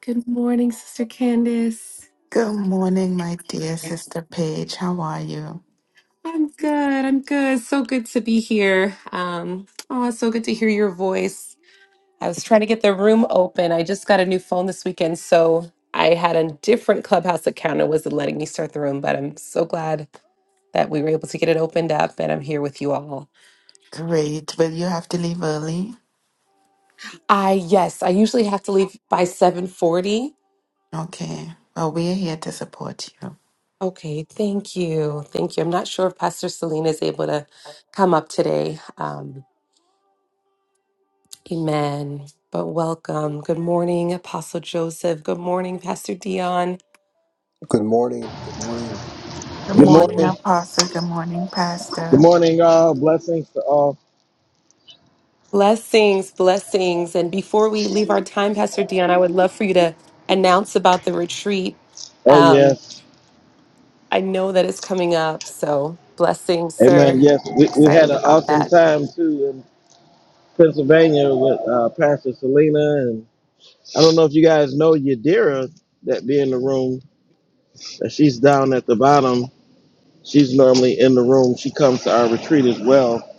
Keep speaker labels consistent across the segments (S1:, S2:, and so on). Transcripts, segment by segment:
S1: Good morning, Sister Candace.
S2: Good morning, my dear
S1: Yeah.
S2: sister Paige. How are you?
S1: I'm good. I'm good. So good to be here. Um, oh, it's so good to hear your voice. I was trying to get the room open. I just got a new phone this weekend, so I had a different Clubhouse account. It wasn't letting me start the room, but I'm so glad that we were able to get it opened up, and I'm here with you all.
S2: Great. Will you have to leave early?
S1: I yes, I usually have to leave by 7:40.
S2: Okay. Well, we're here to support you.
S1: Okay, thank you, thank you. I'm not sure if Pastor Selena is able to come up today. Um. Amen. But welcome. Good morning, Apostle Joseph. Good morning, Pastor Dion.
S3: Good morning. Good morning.
S2: Good
S4: Good
S3: everyone.
S2: morning,
S4: morning.
S2: Apostle. Good morning,
S4: Good
S2: Pastor.
S4: morning, all. Blessings to all.
S1: Blessings, blessings. And before we leave our time, Pastor Dion, I would love for you to announce about the retreat.
S4: Oh,
S1: Um,
S4: yes.
S1: I know that it's coming up. So blessings,
S4: Amen.
S1: sir.
S4: Yes. We, we had
S1: Excited
S4: an
S1: about
S4: awesome
S1: that.
S4: time, too, in Pennsylvania with uh, Pastor Selena. And I don't know if you guys know Yadira that be in the room. That She's down at the bottom. She's normally in the room. She comes to our retreat as well,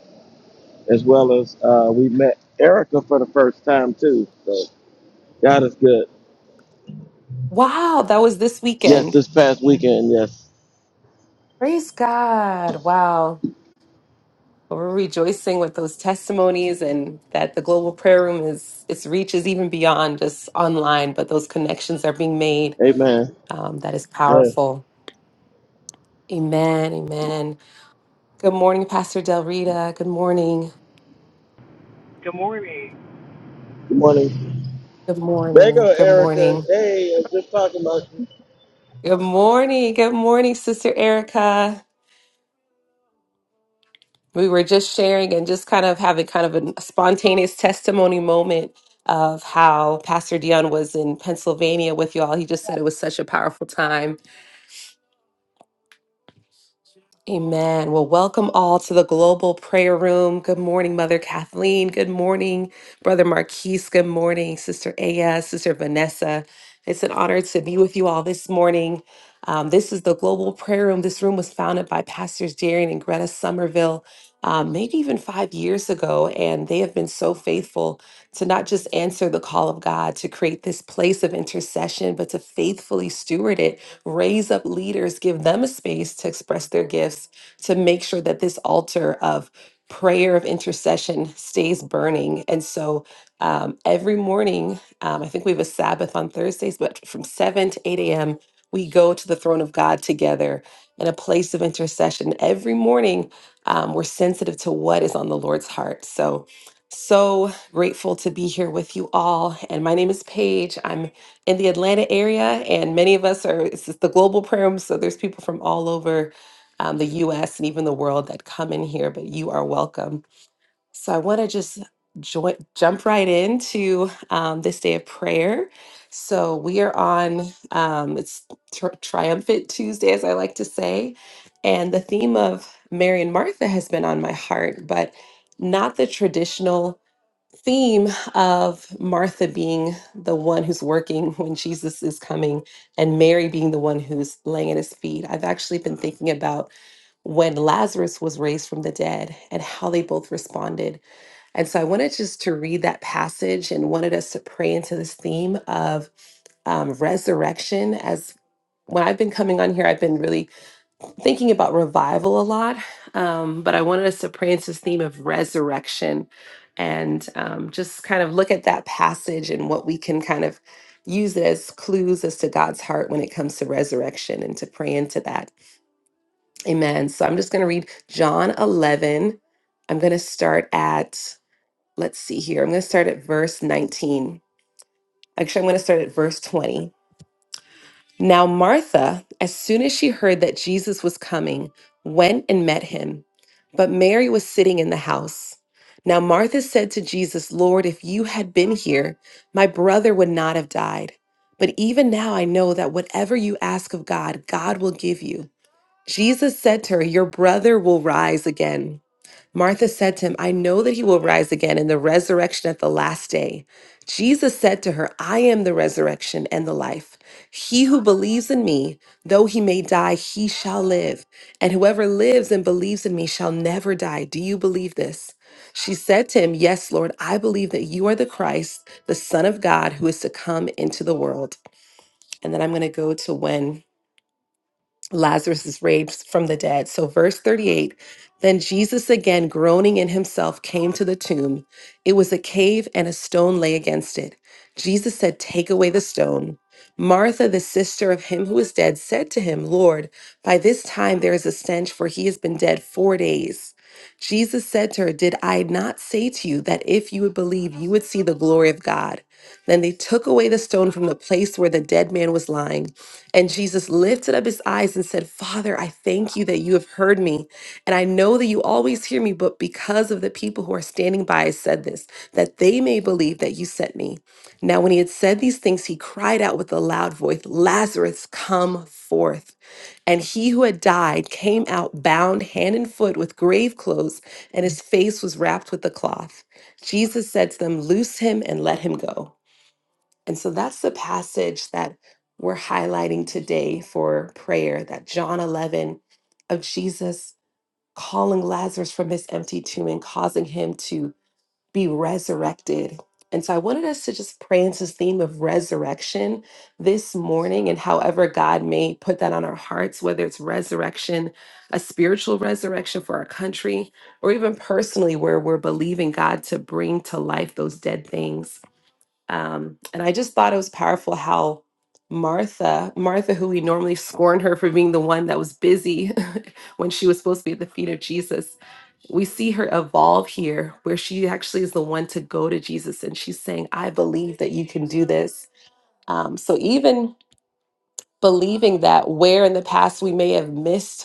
S4: as well as uh, we met Erica for the first time, too. So God is good.
S1: Wow, that was this
S4: Yes,
S1: weekend.
S4: this past weekend. Yes.
S1: Praise God. Wow. But We're rejoicing with those testimonies and that the global prayer room is its reach is even beyond just online, but those connections are being made.
S4: Amen.
S1: Um, that is
S4: Yes.
S1: powerful. Amen. Amen. Good morning, Pastor Del Rita. Good morning.
S5: Good morning.
S4: Good morning.
S1: Good
S4: There go
S1: morning. Good
S4: Erica.
S1: morning.
S4: Hey, I was just talking about you.
S1: Good morning. Good morning, Sister Erica. We were just sharing and just kind of having kind of a spontaneous testimony moment of how Pastor Dion was in Pennsylvania with y'all. He just said it was such a powerful time Amen. Well, welcome all to the Global Prayer Room. Good morning, Mother Kathleen. Good morning, Brother Marquise. Good morning, Sister Aya, Sister Vanessa. It's an honor to be with you all this morning. Um, this is the Global Prayer Room. This room was founded by Pastors Darian and Greta Somerville, um, maybe even five years ago. And they have been so faithful to not just answer the call of God to create this place of intercession, but to faithfully steward it raise up leaders, give them a space to express their gifts, to make sure that this altar of prayer of intercession stays burning. And so um, every morning, um, I think we have a Sabbath on Thursdays, but from 7 to 8 a.m., we go to the throne of God together in a place of intercession. Every morning, um, we're sensitive to what is on the Lord's heart. So, so grateful to be here with you all. And my name is Paige. I'm in the Atlanta area, and many of us are, this is the global prayer room, so there's people from all over um, the US and even the world that come in here, but you are welcome. So I want to just join, jump right into um, this day of prayer. So we are on, um, it's tri- Triumphant Tuesday, as I like to say, and the theme of Mary and Martha has been on my heart, but not the traditional theme of Martha being the one who's working when Jesus is coming and Mary being the one who's laying at his feet, I've actually been thinking about when Lazarus was raised from the dead and how they both responded. And so I wanted just to read that passage and wanted us to pray into this theme of um, resurrection as when I've been coming on here, I've been really thinking about revival a lot, um, but I wanted us to pray into this theme of resurrection and um, just kind of look at that passage and what we can kind of use it as clues as to God's heart when it comes to resurrection and to pray into that. Amen. So I'm just going to read John 11. I'm going to start at, let's see here, I'm going to start at verse 19. Actually, I'm going to start at verse 20. Now, Martha, as soon as she heard that Jesus was coming, went and met him. But Mary was sitting in the house. Now, Martha said to Jesus, Lord, if you had been here, my brother would not have died. But even now I know that whatever you ask of God, God will give you. Jesus said to her, Your brother will rise again. Martha said to him, I know that he will rise again in the resurrection at the last day. Jesus said to her, I am the resurrection and the life. He who believes in me, though he may die, he shall live. And whoever lives and believes in me shall never die. Do you believe this? She said to him, Yes, Lord, I believe that you are the Christ, the Son of God, who is to come into the world. And then I'm going to go to when Lazarus is raised from the dead. So, verse 38 Then Jesus, again groaning in himself, came to the tomb. It was a cave, and a stone lay against it. Jesus said, Take away the stone. Martha, the sister of him who is dead, said to him, Lord, by this time there is a stench, for he has been dead four days. Jesus said to her, Did I not say to you that if you would believe, you would see the glory of God? Then they took away the stone from the place where the dead man was lying. And Jesus lifted up his eyes and said, Father, I thank you that you have heard me. And I know that you always hear me, but because of the people who are standing by, I said this, that they may believe that you sent me. Now, when he had said these things, he cried out with a loud voice, Lazarus, come forth. And he who had died came out bound hand and foot with grave clothes, and his face was wrapped with a cloth. Jesus said to them, Loose him and let him go. And so that's the passage that we're highlighting today for prayer that John 11 of Jesus calling Lazarus from his empty tomb and causing him to be resurrected. And so I wanted us to just pray into this theme of resurrection this morning and however God may put that on our hearts, whether it's resurrection, a spiritual resurrection for our country, or even personally where we're believing God to bring to life those dead things um, and I just thought it was powerful how Martha, Martha, who we normally scorn her for being the one that was busy when she was supposed to be at the feet of Jesus, we see her evolve here where she actually is the one to go to Jesus and she's saying, I believe that you can do this. Um, so even believing that where in the past we may have missed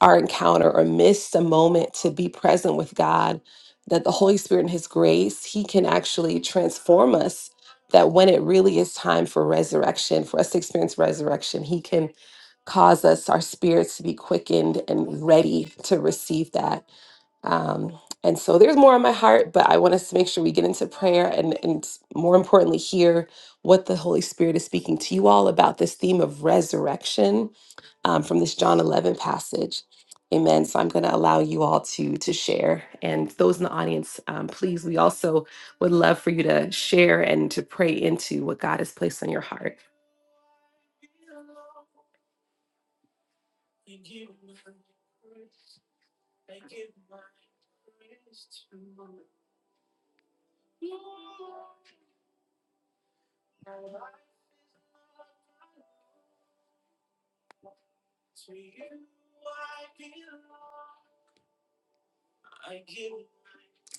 S1: our encounter or miss a moment to be present with God, that the Holy Spirit and His grace, He can actually transform us. That when it really is time for resurrection, for us to experience resurrection, He can cause us, our spirits to be quickened and ready to receive that. Um, and so there's more on my heart, but I want us to make sure we get into prayer and, and more importantly, hear what the Holy Spirit is speaking to you all about this theme of resurrection um, from this John 11 passage. Amen. So I'm going to allow you all to to share, and those in the audience, um, please. We also would love for you to share and to pray into what God has placed on your heart.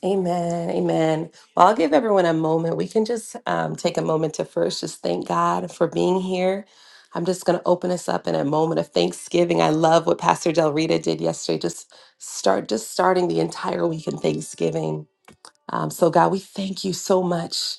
S1: Amen. Amen. Well, I'll give everyone a moment. We can just um, take a moment to first just thank God for being here. I'm just going to open us up in a moment of thanksgiving. I love what Pastor Del Rita did yesterday. Just start, just starting the entire week in Thanksgiving. Um, so, God, we thank you so much.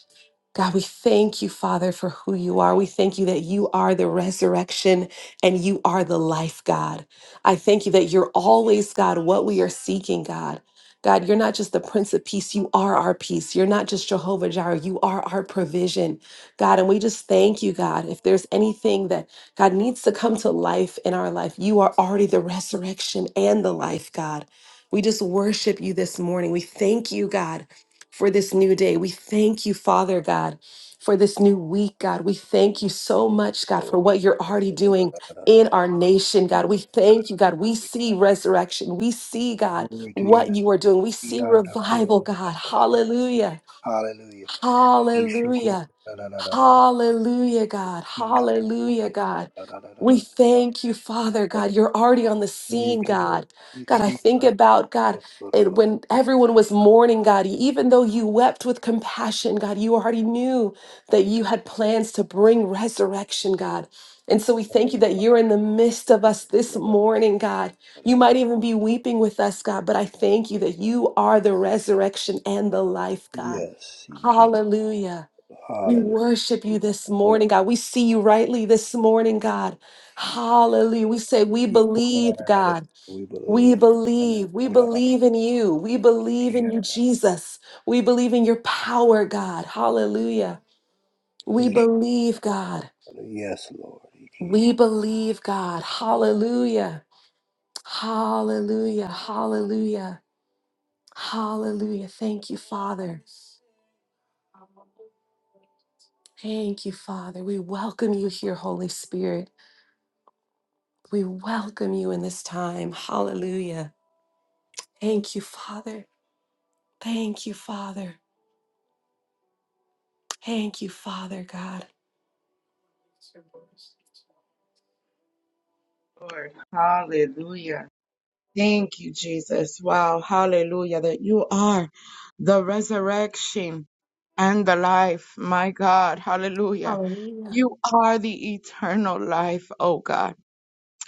S1: God, we thank you, Father, for who you are. We thank you that you are the resurrection and you are the life, God. I thank you that you're always, God, what we are seeking, God. God, you're not just the Prince of Peace, you are our peace. You're not just Jehovah Jireh, you are our provision, God. And we just thank you, God. If there's anything that God needs to come to life in our life, you are already the resurrection and the life, God. We just worship you this morning. We thank you, God for this new day. We thank you, Father God, for this new week, God. We thank you so much, God, for what you're already doing in our nation, God. We thank you, God. We see resurrection. We see, God,
S3: Glory to you.
S1: what you are doing. We see revival, God. Hallelujah.
S3: Hallelujah.
S1: Hallelujah. Hallelujah, God. Hallelujah, God. We thank you, Father God. You're already on the scene,
S3: Thank you, Lord.
S1: God. God, I think about God and when everyone was mourning, God. Even though you wept with compassion, God, you already knew that you had plans to bring resurrection, God. And so we thank you that you're in the midst of us this morning, God. You might even be weeping with us, God, but I thank you that you are the resurrection and the life, God.
S3: Yes.
S1: Hallelujah. We
S3: Hallelujah.
S1: worship you this morning, God. We see you rightly this morning, God. Hallelujah. We say, We believe, God.
S3: We believe.
S1: We believe. We believe in you. We believe in you, Jesus. We believe in your power, God. Hallelujah. We believe, God.
S3: Yes, Lord.
S1: We believe, God. Hallelujah. Hallelujah. Hallelujah. Hallelujah. Thank you, Father. Thank you, Father. We welcome you here, Holy Spirit. We welcome you in this time. Hallelujah. Thank you, Father. Thank you, Father. Thank you, Father God.
S6: Lord. Hallelujah. Thank you, Jesus. Wow. Hallelujah. That you are the resurrection and the life. My God. Hallelujah.
S1: Hallelujah.
S6: You are the eternal life, oh God.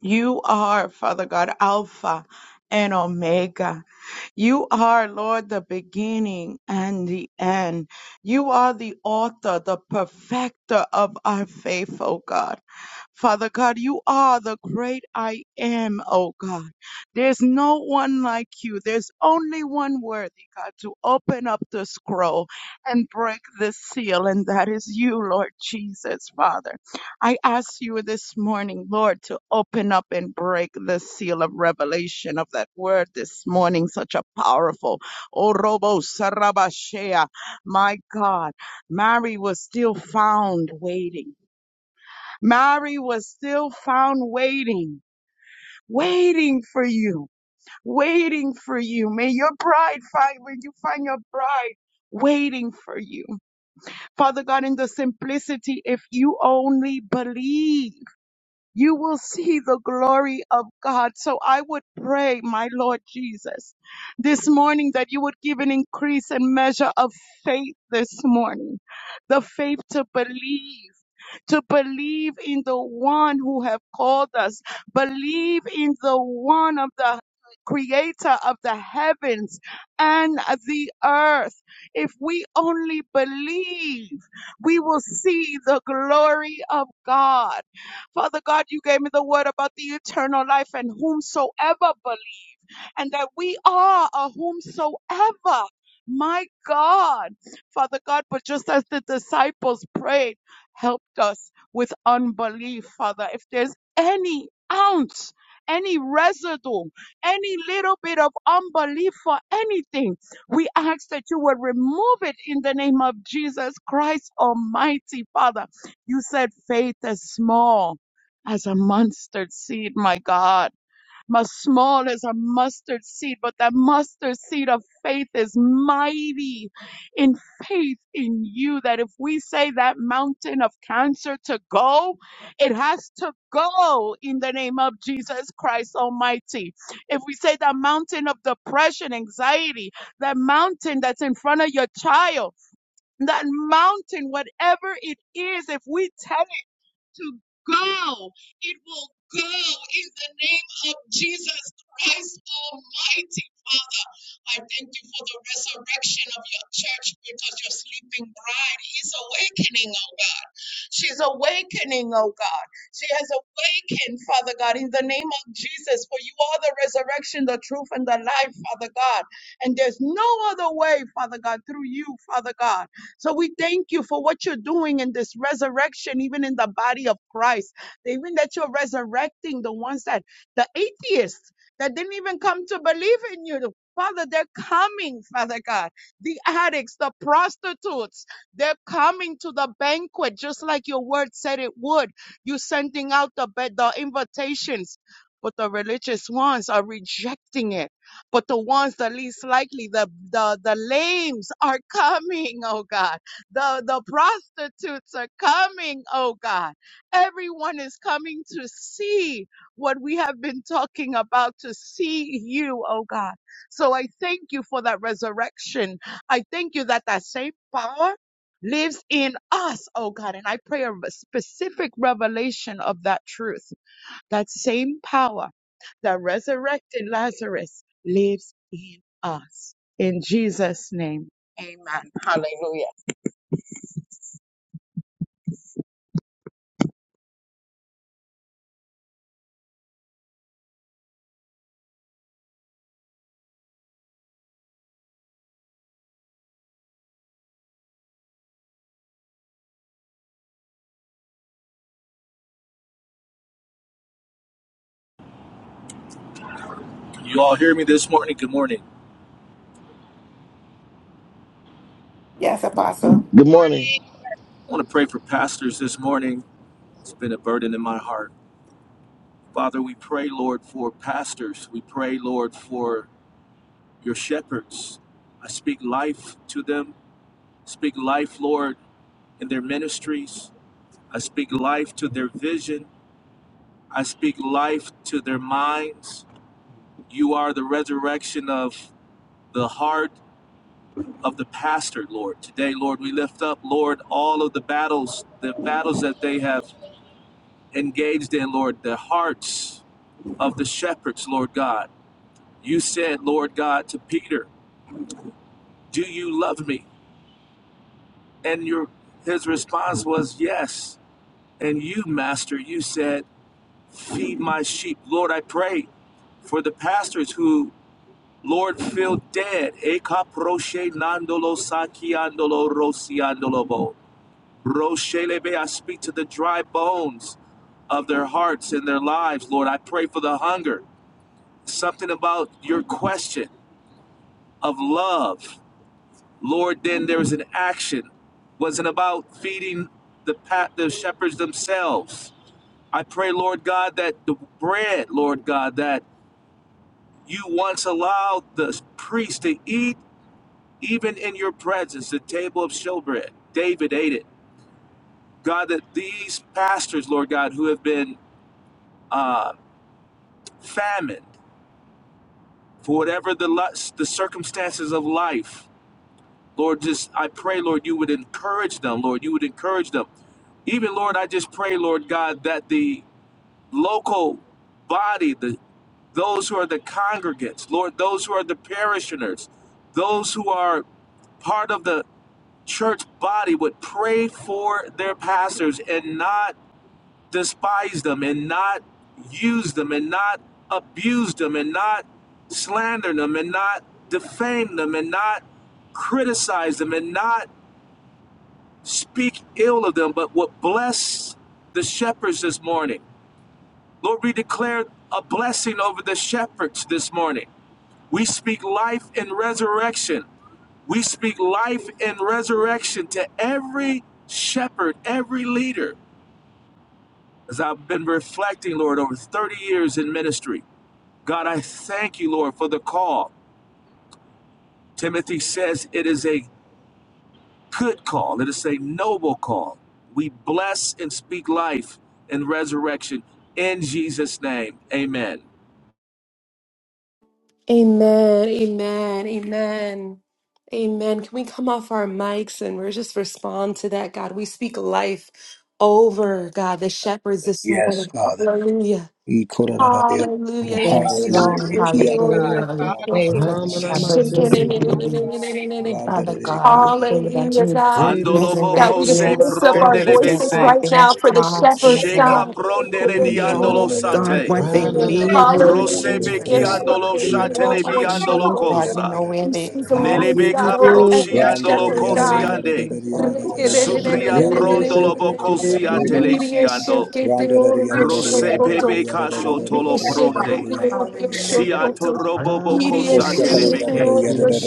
S6: You are, Father God, Alpha and Omega. You are, Lord, the beginning and the end. You are the author, the perfecter of our faith, oh God. Father God, you are the great I am, oh God. There's no one like you. There's only one worthy, God, to open up the scroll and break the seal, and that is you, Lord Jesus, Father. I ask you this morning, Lord, to open up and break the seal of revelation of that word this morning, such a powerful. Oh, Robo Sarabashea, my God, Mary was still found waiting. Mary was still found waiting, waiting for you, waiting for you. May your bride find, when you find your bride, waiting for you. Father God, in the simplicity, if you only believe, you will see the glory of God. So I would pray, my Lord Jesus, this morning that you would give an increase and measure of faith this morning, the faith to believe to believe in the one who have called us, believe in the one of the creator of the heavens and the earth. If we only believe, we will see the glory of God. Father God, you gave me the word about the eternal life and whomsoever and that we are a whomsoever. My God, Father God, but just as the disciples prayed, helped us with unbelief, Father. If there's any ounce, any residue, any little bit of unbelief for anything, we ask that you would remove it in the name of Jesus Christ Almighty, Father. You said faith is small as a mustard seed, my God as small as a mustard seed, but that mustard seed of faith is mighty in faith in you. That if we say that mountain of cancer to go, it has to go in the name of Jesus Christ Almighty. If we say that mountain of depression, anxiety, that mountain that's in front of your child, that mountain, whatever it is, if we to go. It will go in the name of Jesus Christ Almighty. Father, I thank you for the resurrection of your church because your sleeping bride is awakening She's awakening, oh God. She has awakened, Father God, in the name of Jesus, for you are the resurrection, the truth, and the life, Father God. And there's no other way, Father God, through you, Father God. So we thank you for what you're doing in this resurrection, even in the body of Christ. Even that you're resurrecting the ones that, the atheists that didn't even come to believe in you. Father, they're coming, Father God. The addicts, the prostitutes, they're coming to the banquet just like your word said it would. You're sending out the, ba- the invitations, but the religious ones are rejecting it. But the ones that least likely, the, the, the lames are coming, oh God. The, the prostitutes are coming, oh God. Everyone is coming to see what we have been talking about, to see you, oh God. So I thank you for that resurrection. I thank you that that same power lives in us, oh God. And I pray a specific revelation of that truth. That same power that resurrected Lazarus lives in us. In Jesus' name, amen. Hallelujah.
S7: You all hear me this morning? Good morning.
S2: Yes, Apostle.
S4: Good morning.
S6: Morning.
S7: I want to pray for pastors this morning. It's been a burden in my heart. Father, we pray, Lord, for pastors. We pray, Lord, for your shepherds. I speak life to them. Speak life, Lord, in their ministries. I speak life to their vision. I speak life to their minds. You are the resurrection of the heart of the pastor, Lord. Today, Lord, we lift up, Lord, all of the battles, the battles that they have engaged in, Lord, the hearts of the shepherds, Lord God. You said, Lord God, to Peter, Do you love me? And your his response was yes. And you, Master, you said, Feed my sheep. Lord, I pray for the pastors who, Lord, feel dead. I speak to the dry bones of their hearts and their lives, Lord. I pray for the hunger. something about your question of love lord then there was an action wasn't about feeding the pat the shepherds themselves i pray lord god that the bread lord god that you once allowed the priest to eat even in your presence the table of showbread david ate it god that these pastors lord god who have been uh, famined for whatever the lu- the circumstances of life Lord, just I pray, Lord, you would encourage them, Lord, you would encourage them. Even, Lord, I just pray, Lord God, that the local body, the those who are the congregants, Lord, those who are the parishioners, those who are part of the church body would pray for their pastors and not despise them and not use them and not abuse them and not slander them and not defame them and not criticize them and not speak ill of them, but what bless the shepherds this morning. Lord, we declare a blessing over the shepherds this morning. We speak life and resurrection. We speak life and resurrection to every shepherd, every leader. As I've been reflecting, Lord, over 30 years in ministry, God, I thank you, Lord, for the call. Timothy says it is a good call. It is a noble call. We bless and speak life and resurrection in Jesus' name. Amen.
S1: Amen. Amen. Amen. Amen. Can we come off our mics and we're just respond to that, God? We speak life over, God, the shepherds this
S3: Yes,
S1: morning.
S3: Father.
S1: Hallelujah.
S3: E kora ra ra ya. Kora
S1: Hallelujah.
S2: Yes,
S6: My
S3: Hallelujah.
S2: Lord.
S3: Kia la la la la
S2: Hallelujah.
S3: la
S2: We
S3: ba ba ba
S2: pray for
S3: ba
S2: the
S3: ba shanda
S2: shepherds
S3: la de.
S2: this
S4: Ramanamasitiki,
S3: Eta
S2: morning.
S1: Hallelujah,
S3: randa la
S2: Father
S3: de
S2: God,
S3: kia
S2: we
S3: la la
S2: pray
S3: la la
S2: that
S3: la
S2: you
S3: la
S2: would
S1: God.
S3: la
S7: Andolobo
S1: God,
S2: resurrect
S1: we just
S7: kose
S2: their
S1: lift up our
S2: spirits,
S4: Revisitikirimasutu,
S3: la
S2: their
S1: voices
S7: prondelebese.
S2: God,
S1: right
S2: their
S1: now
S3: la
S1: for
S3: la
S1: the
S3: la.
S2: hearts,
S1: shepherd
S2: their
S7: Sheka
S2: God.
S1: song.
S2: You
S7: prondele
S3: E shaka la
S7: niandolo
S3: la
S2: know,
S3: la la
S2: God,
S3: la
S7: sate.
S3: la
S2: what
S3: ya
S2: they
S3: la la la
S2: need,
S3: la
S2: Lord
S3: la la
S1: Hallelujah.
S3: la
S7: Rosebe
S3: la
S2: Jesus.
S3: la
S1: Jesus.
S4: Rananamasitiki.
S3: ya.
S7: kiandolo
S1: Thank
S3: Kia la kia
S1: you,
S2: You
S3: la la
S2: know
S1: Lord, for
S7: shatelebi
S2: what's
S1: your
S2: in the
S3: la la la
S1: shepherd,
S7: andolo
S6: God.
S3: la ya
S2: God. You
S1: Lord.
S7: kosa.
S3: la
S2: know where
S1: We
S3: la
S2: they
S3: la la
S1: speak
S3: la ya.
S2: are
S4: We
S1: life,
S2: from.
S4: give you
S1: God,
S7: Nelebeka
S2: You
S1: over
S7: proshi
S4: glory.
S3: Life,
S1: every
S7: andolo
S1: shepherd,
S2: know
S7: kosi
S2: where
S7: ande.
S2: they me.
S7: Supria prondolobo kosi
S4: Revisitikirimasutu,
S7: ateleshi
S2: Trust
S7: ando.
S2: me.
S7: Rosebe kasho
S2: Hallelujah.
S7: tolo pronde.
S2: God.
S7: Siatorobobokoshatelemeke.
S4: Ramanamasitiki.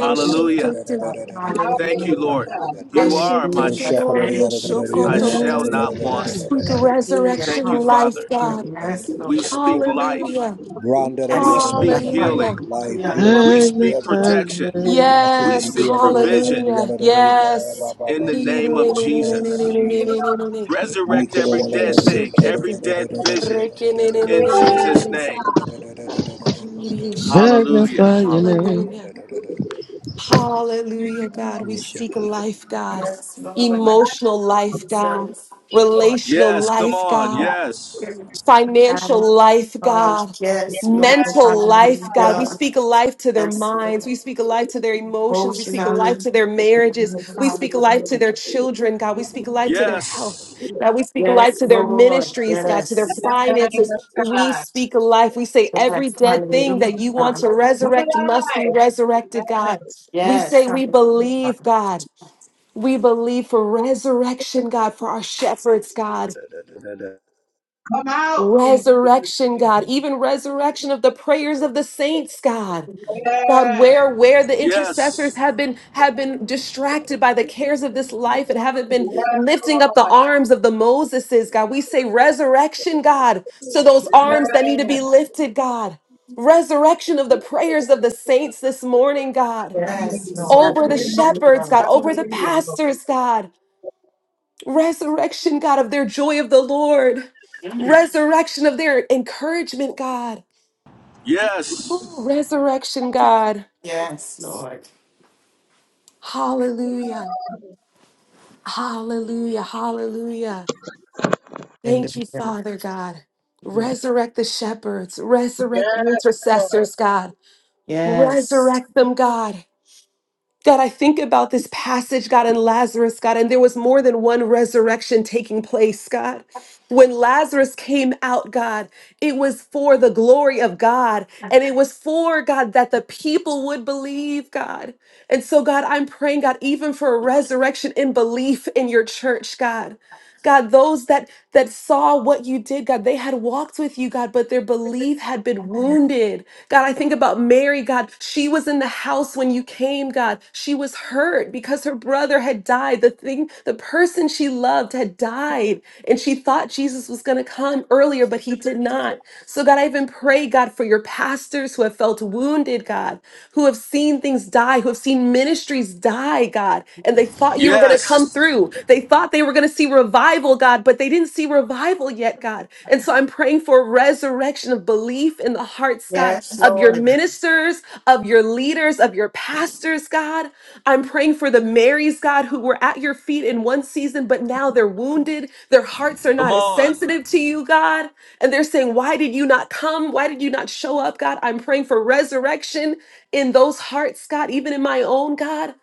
S7: Hallelujah.
S6: Hallelujah,
S7: Thank you,
S2: Hallelujah.
S7: Lord. You are my
S1: Speak
S2: Hallelujah.
S7: shepherd.
S2: Thank you,
S7: I
S2: Jesus.
S7: shall not
S4: Magnify
S7: want.
S4: your name.
S2: Hallelujah.
S1: resurrection
S7: Thank you,
S1: life,
S7: Father.
S2: Hallelujah.
S1: God.
S2: Yes, Lord.
S7: We speak life.
S1: Hallelujah.
S7: We
S2: Yes,
S7: speak
S2: Lord.
S1: Hallelujah.
S7: healing.
S2: Hallelujah.
S3: healing,
S7: We speak
S4: Magnify
S3: deliverance.
S4: your
S7: protection.
S4: name.
S7: We
S1: Yes.
S3: Blessings. In
S7: speak provision
S3: the
S1: Hallelujah. Yes.
S7: in the name of
S3: name of
S7: Jesus.
S3: Jesus.
S1: Hallelujah.
S7: Resurrect every dead thing, every dead vision in Jesus' name. Hallelujah.
S4: Magnify your name.
S1: Hallelujah, God. We speak life, God.
S2: Yes, Lord. Thank
S1: Emotional
S2: you,
S1: life, God.
S2: Jesus.
S6: Lord.
S1: Relational
S7: Yes, come
S1: life,
S7: on.
S1: God.
S7: Yes.
S2: Spirit
S1: financial
S2: And,
S1: life,
S2: uh,
S1: God,
S2: yes, Lord,
S1: mental life, God. We
S2: hallelujah.
S1: speak a life to their
S2: Yes,
S1: minds.
S2: Lord,
S1: We speak a life to their emotions. We speak a life
S2: emotionally.
S1: to their
S2: Yes,
S1: marriages. We speak a life to
S2: hallelujah.
S1: their children, God. We speak a life to their health.
S7: Yes.
S1: God, we speak a life
S2: Yes,
S1: to their
S2: Lord,
S1: ministries, God, to their
S2: yes.
S1: finances. We speak a life. We say
S2: Yes,
S1: every dead thing that you want
S2: hallelujah.
S1: to resurrect must be resurrected,
S6: I'm alive.
S1: God. We
S2: Yes,
S1: say we
S2: hallelujah.
S1: believe, God. We believe for resurrection, God, for our shepherds, God.
S6: Come out in Jesus'
S1: Resurrection,
S6: name.
S1: God, even resurrection of the prayers of the saints, God. God,
S6: Yes.
S1: where where the intercessors
S7: Yes.
S1: have been have been distracted by the cares of this life and haven't been
S6: Yes,
S1: lifting up the
S6: Lord.
S1: arms of the Moseses, God. We say resurrection, God. So those arms that need to
S6: Yes.
S1: be lifted, God. Resurrection of the prayers of the saints this morning, God.
S2: Yes,
S6: Yes,
S2: Lord,
S1: Over the
S6: you know,
S1: shepherds, God,
S2: hallelujah.
S1: over the
S6: hallelujah.
S1: pastors, God. Resurrection, God, of their joy of the Lord.
S2: Mm.
S1: Resurrection of their encouragement, God. Ooh,
S7: Yes.
S1: resurrection, God.
S2: Yes, Lord.
S1: Hallelujah. Hallelujah. Hallelujah. Thank you,
S2: Hallelujah.
S1: Father God.
S2: Lord.
S1: Resurrect the shepherds. Resurrect
S6: Yes,
S1: the
S6: Lord.
S1: intercessors, God.
S2: Yes.
S1: Resurrect them, God. God, I think about this passage, God, and Lazarus, God, and there was more than one resurrection taking place, God. When Lazarus came out, God, it was for the glory of God. And it was for, God, that the people would believe, God. And so, God, I'm praying, God, even for a resurrection in belief in your church, God. God, those that that saw what you did, God, they had walked with you, God, but their belief had been wounded. God, I think about Mary, God. She was in the house when you came, God. She was hurt because her brother had died. The thing, the person she loved had died. And she thought Jesus was going to come earlier, but he did not. So, God, I even pray, God, for your pastors who have felt wounded, God who have seen things die, who have seen ministries die, God, and they thought you were going to come
S7: Yes.
S1: through. They thought they were going to see revival, God, but they didn't see revival yet, God. And so I'm praying for a resurrection of belief in the hearts, God,
S2: Yes,
S1: of your
S2: Lord.
S1: ministers, of your leaders, of your pastors, God. I'm praying for the Marys, God, who were at your feet in one season, but now they're wounded. Their hearts are
S7: Come
S1: not as
S7: on.
S1: sensitive to you, God. And they're saying, Why did you not come? Why did you not show up, God? I'm praying for resurrection in those hearts, God, even in my own, God.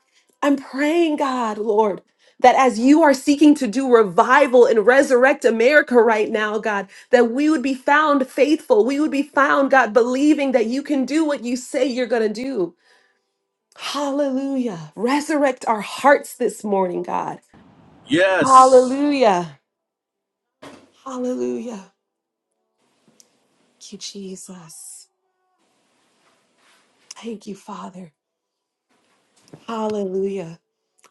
S1: I'm praying, God, Lord, that as you are seeking to do revival and resurrect America right now, God, that we would be found faithful. We would be found, God, believing that you can do what you say you're going to do. Hallelujah. Resurrect our hearts this morning, God.
S7: Yes.
S1: Hallelujah. Hallelujah. Thank you, Jesus. Thank you, Father. Hallelujah.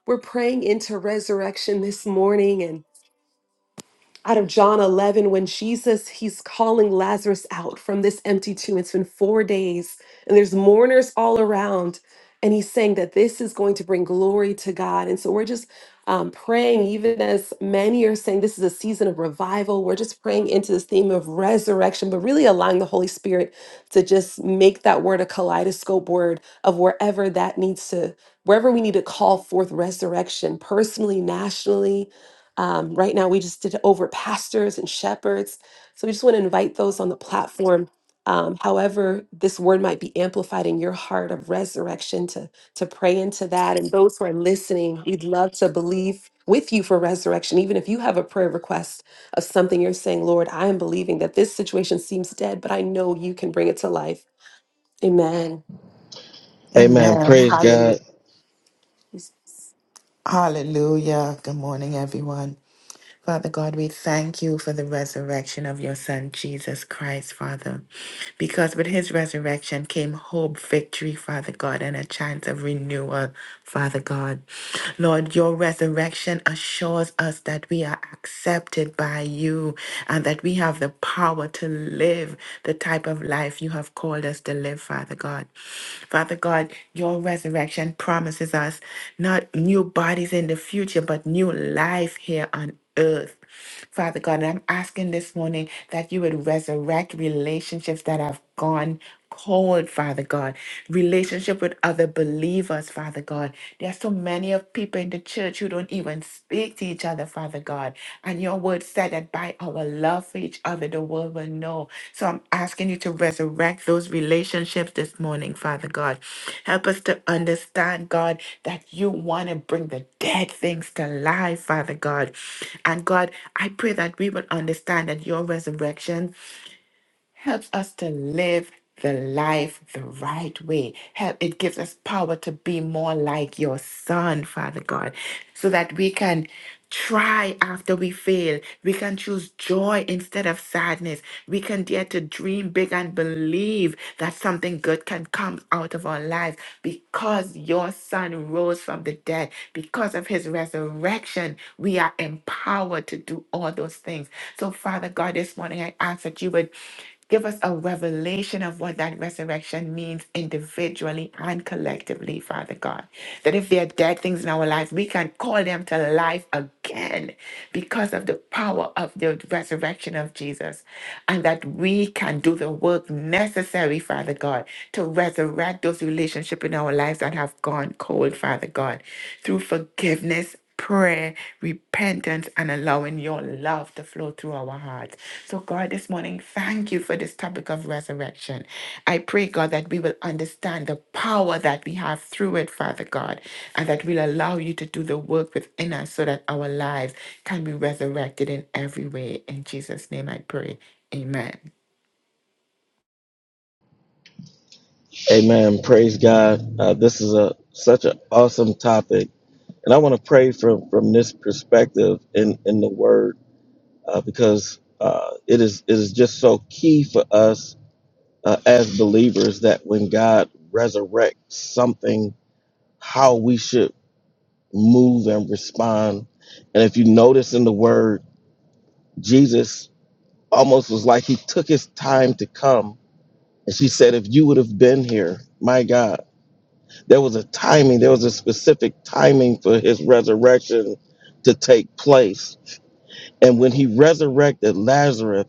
S1: We're praying into resurrection this morning and. out of John 11 when Jesus he's calling Lazarus out from this empty tomb. It's been 4 days and there's mourners all around and he's saying that this is going to bring glory to God. And so we're just um, praying, even as many are saying this is a season of revival, we're just praying into this theme of resurrection, but really allowing the Holy Spirit to just make that word a kaleidoscope word of wherever that needs to, wherever we need to call forth resurrection, personally, nationally, um, right now, we just did over pastors and shepherds. So we just want to invite those on the platform. Um, however, this word might be amplified in your heart of resurrection to to pray into that. And those who are listening, we'd love to believe with you for resurrection. Even if you have a prayer request of something you're saying, Lord, I am believing that this situation seems dead, but I know you can bring it to life. Amen.
S4: Amen.
S2: Amen.
S4: Praise
S2: Hallelujah.
S4: God.
S2: Hallelujah. Good morning, everyone. Father God, we thank you for the resurrection of your Son, Jesus Christ, Father because with his resurrection came hope, victory, Father God, and a chance of renewal, Father God. Lord, your resurrection assures us that we are accepted by you and that we have the power to live the type of life you have called us to live, Father God. Father God, your resurrection promises us not new bodies in the future, but new life here on earth. Father God, and I'm asking this morning that you would resurrect relationships that have gone cold, Father God. Relationship with other believers, Father God. There are so many of people in the church who don't even speak to each other, Father God. And your word said that by our our love for each other, the world will know. So I'm asking you to resurrect those relationships this morning, Father God. Help us to understand, God, that you want to bring the dead things to life, Father God. And God, I pray that we will understand that your resurrection helps us to live the life the right way. Help, it gives us power to be more like your son, Father God, so that we can try after we fail. We can choose joy instead of sadness. We can dare to dream big and believe that something good can come out of our lives because your son rose from the dead. Because of his resurrection, we are empowered to do all those things. So, Father God, this morning I ask that you would Give us a revelation of what that resurrection means individually and collectively, Father God. That if there are dead things in our lives, we can call them to life again because of the power of the resurrection of Jesus. And that we can do the work necessary, Father God, to resurrect those relationships in our lives that have gone cold, Father God, through forgiveness prayer, repentance, and allowing your love to flow through our hearts. So, God, this morning, thank you for this topic of resurrection. I pray, God, that we will understand the power that we have through it, Father God, and that we'll allow you to do the work within us so that our lives can be resurrected in every way. In Jesus' name I pray. Amen.
S4: Amen. Praise God. Uh, this is a such an awesome topic And I want to pray from from this perspective in in the Word uh, because uh, it is it is just so key for us uh, as believers that when God resurrects something, how we should move and respond. And if you notice in the Word, Jesus almost was like he took his time to come. And she said, "If you would have been here, my God, there was a timing. There was a specific timing for his resurrection to take place." And when he resurrected Lazarus,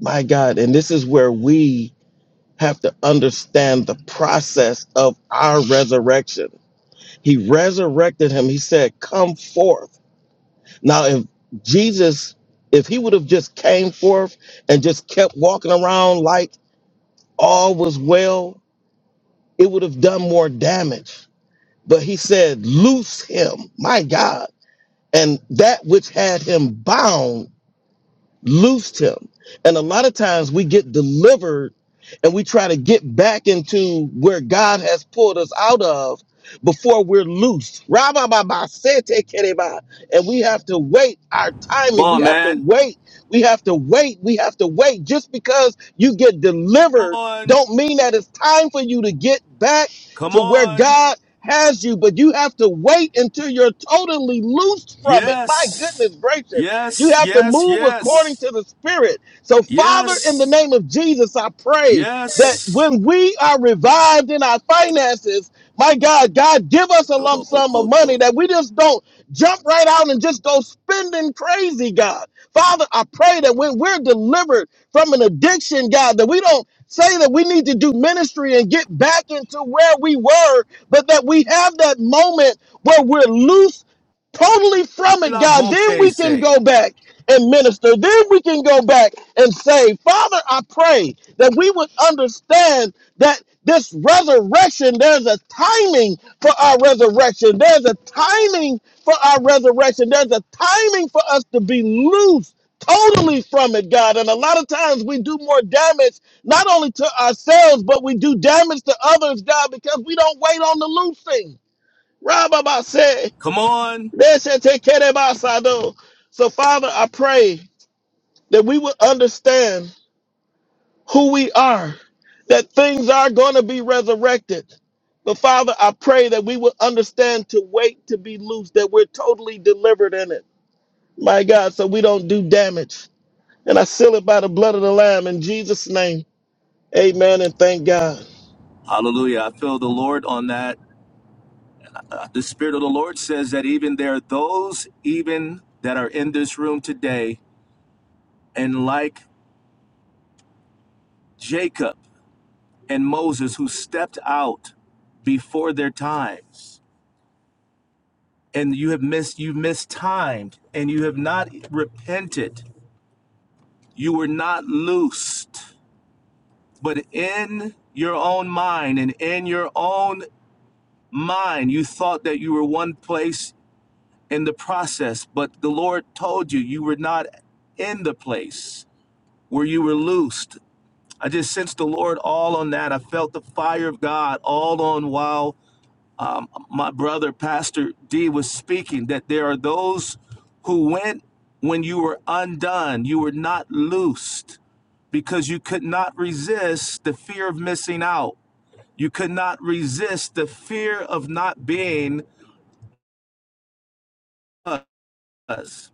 S4: my God, and this is where we have to understand the process of our resurrection. He resurrected him. He said, Come forth. Now, if Jesus, if he would have just came forth and just kept walking around like all was well, it would have done more damage. But he said, Loose him, my God. And that which had him bound loosed him. And a lot of times we get delivered and we try to get back into where God has pulled us out of before we're loosed. ra sete kereba. And we have to wait our
S7: Come
S4: timing. We
S7: on,
S4: have to
S7: man.
S4: wait. We have to wait. We have to wait. Just because you get
S7: Come
S4: delivered
S7: on.
S4: don't mean that it's time for you to get back
S7: Come
S4: to where
S7: on.
S4: God has you, but you have to wait until you're totally loosed from it. My
S7: Yes.
S4: goodness gracious. You
S7: Yes.
S4: have to
S7: Yes.
S4: move according
S7: Yes.
S4: to the Spirit. So, Father, in the
S7: Yes.
S4: name of Jesus, I pray that
S7: Yes.
S4: when we are revived in our finances, my God, God, give us a lump sum of money
S7: Tolobokoto.
S4: that we just don't jump right out and just go spending crazy, God. Father, I pray that when we're delivered from an addiction, God, that we don't say that we need to do ministry and get back into where we were, but that we have that moment where we're loose totally from it,
S7: La
S4: God, then
S7: boke
S4: we can
S7: say.
S4: go back and minister. Then we can go back and say, Father, I pray that we would understand that this resurrection, there's a timing for our resurrection. There's a timing for our resurrection. There's a timing for us to be loose totally from it, God. And a lot of times we do more damage, not only to ourselves, but we do damage to others, God, because we don't wait on the loosing. Rabbi said.
S7: Come on.
S4: That's it, take care of us, I know. So, Father, I pray that we will understand who we are, that things are going to be resurrected. But, Father, I pray that we will understand to wait to be loose, that we're totally delivered in it. My God, so we don't do damage. And I seal it by the blood of the Lamb in Jesus' name. Amen and thank God.
S7: Hallelujah. I feel the Lord on that. Uh, The Spirit of the Lord says that even there are those even that are in this room today and like Jacob. and Moses who stepped out before their times. And you have missed, you mistimed, and you have not repented. You were not loosed. But in your own mind and in your own mind, you thought that you were one place in the process, but the Lord told you you were not in the place where you were loosed. I just sensed the Lord all on that. I felt the fire of God all on while. um, my brother pastor d was speaking that there are those who went when you were undone you were not loosed because you could not resist the fear of missing out you could not resist the fear of not being us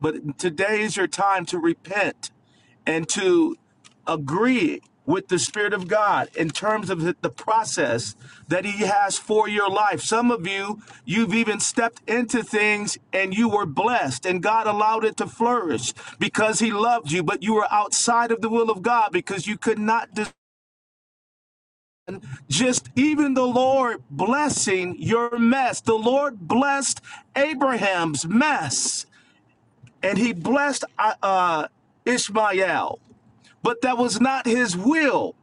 S7: But today is your time to repent and to agree with the Spirit of God in terms of the process that He has for your life. Some of you, you've even stepped into things and you were blessed and God allowed it to flourish because He loved you, but you were outside of the will of God because you could not dis- just even the Lord blessing your mess. The Lord blessed Abraham's mess and he blessed uh, uh, Ishmael, but that was not his will.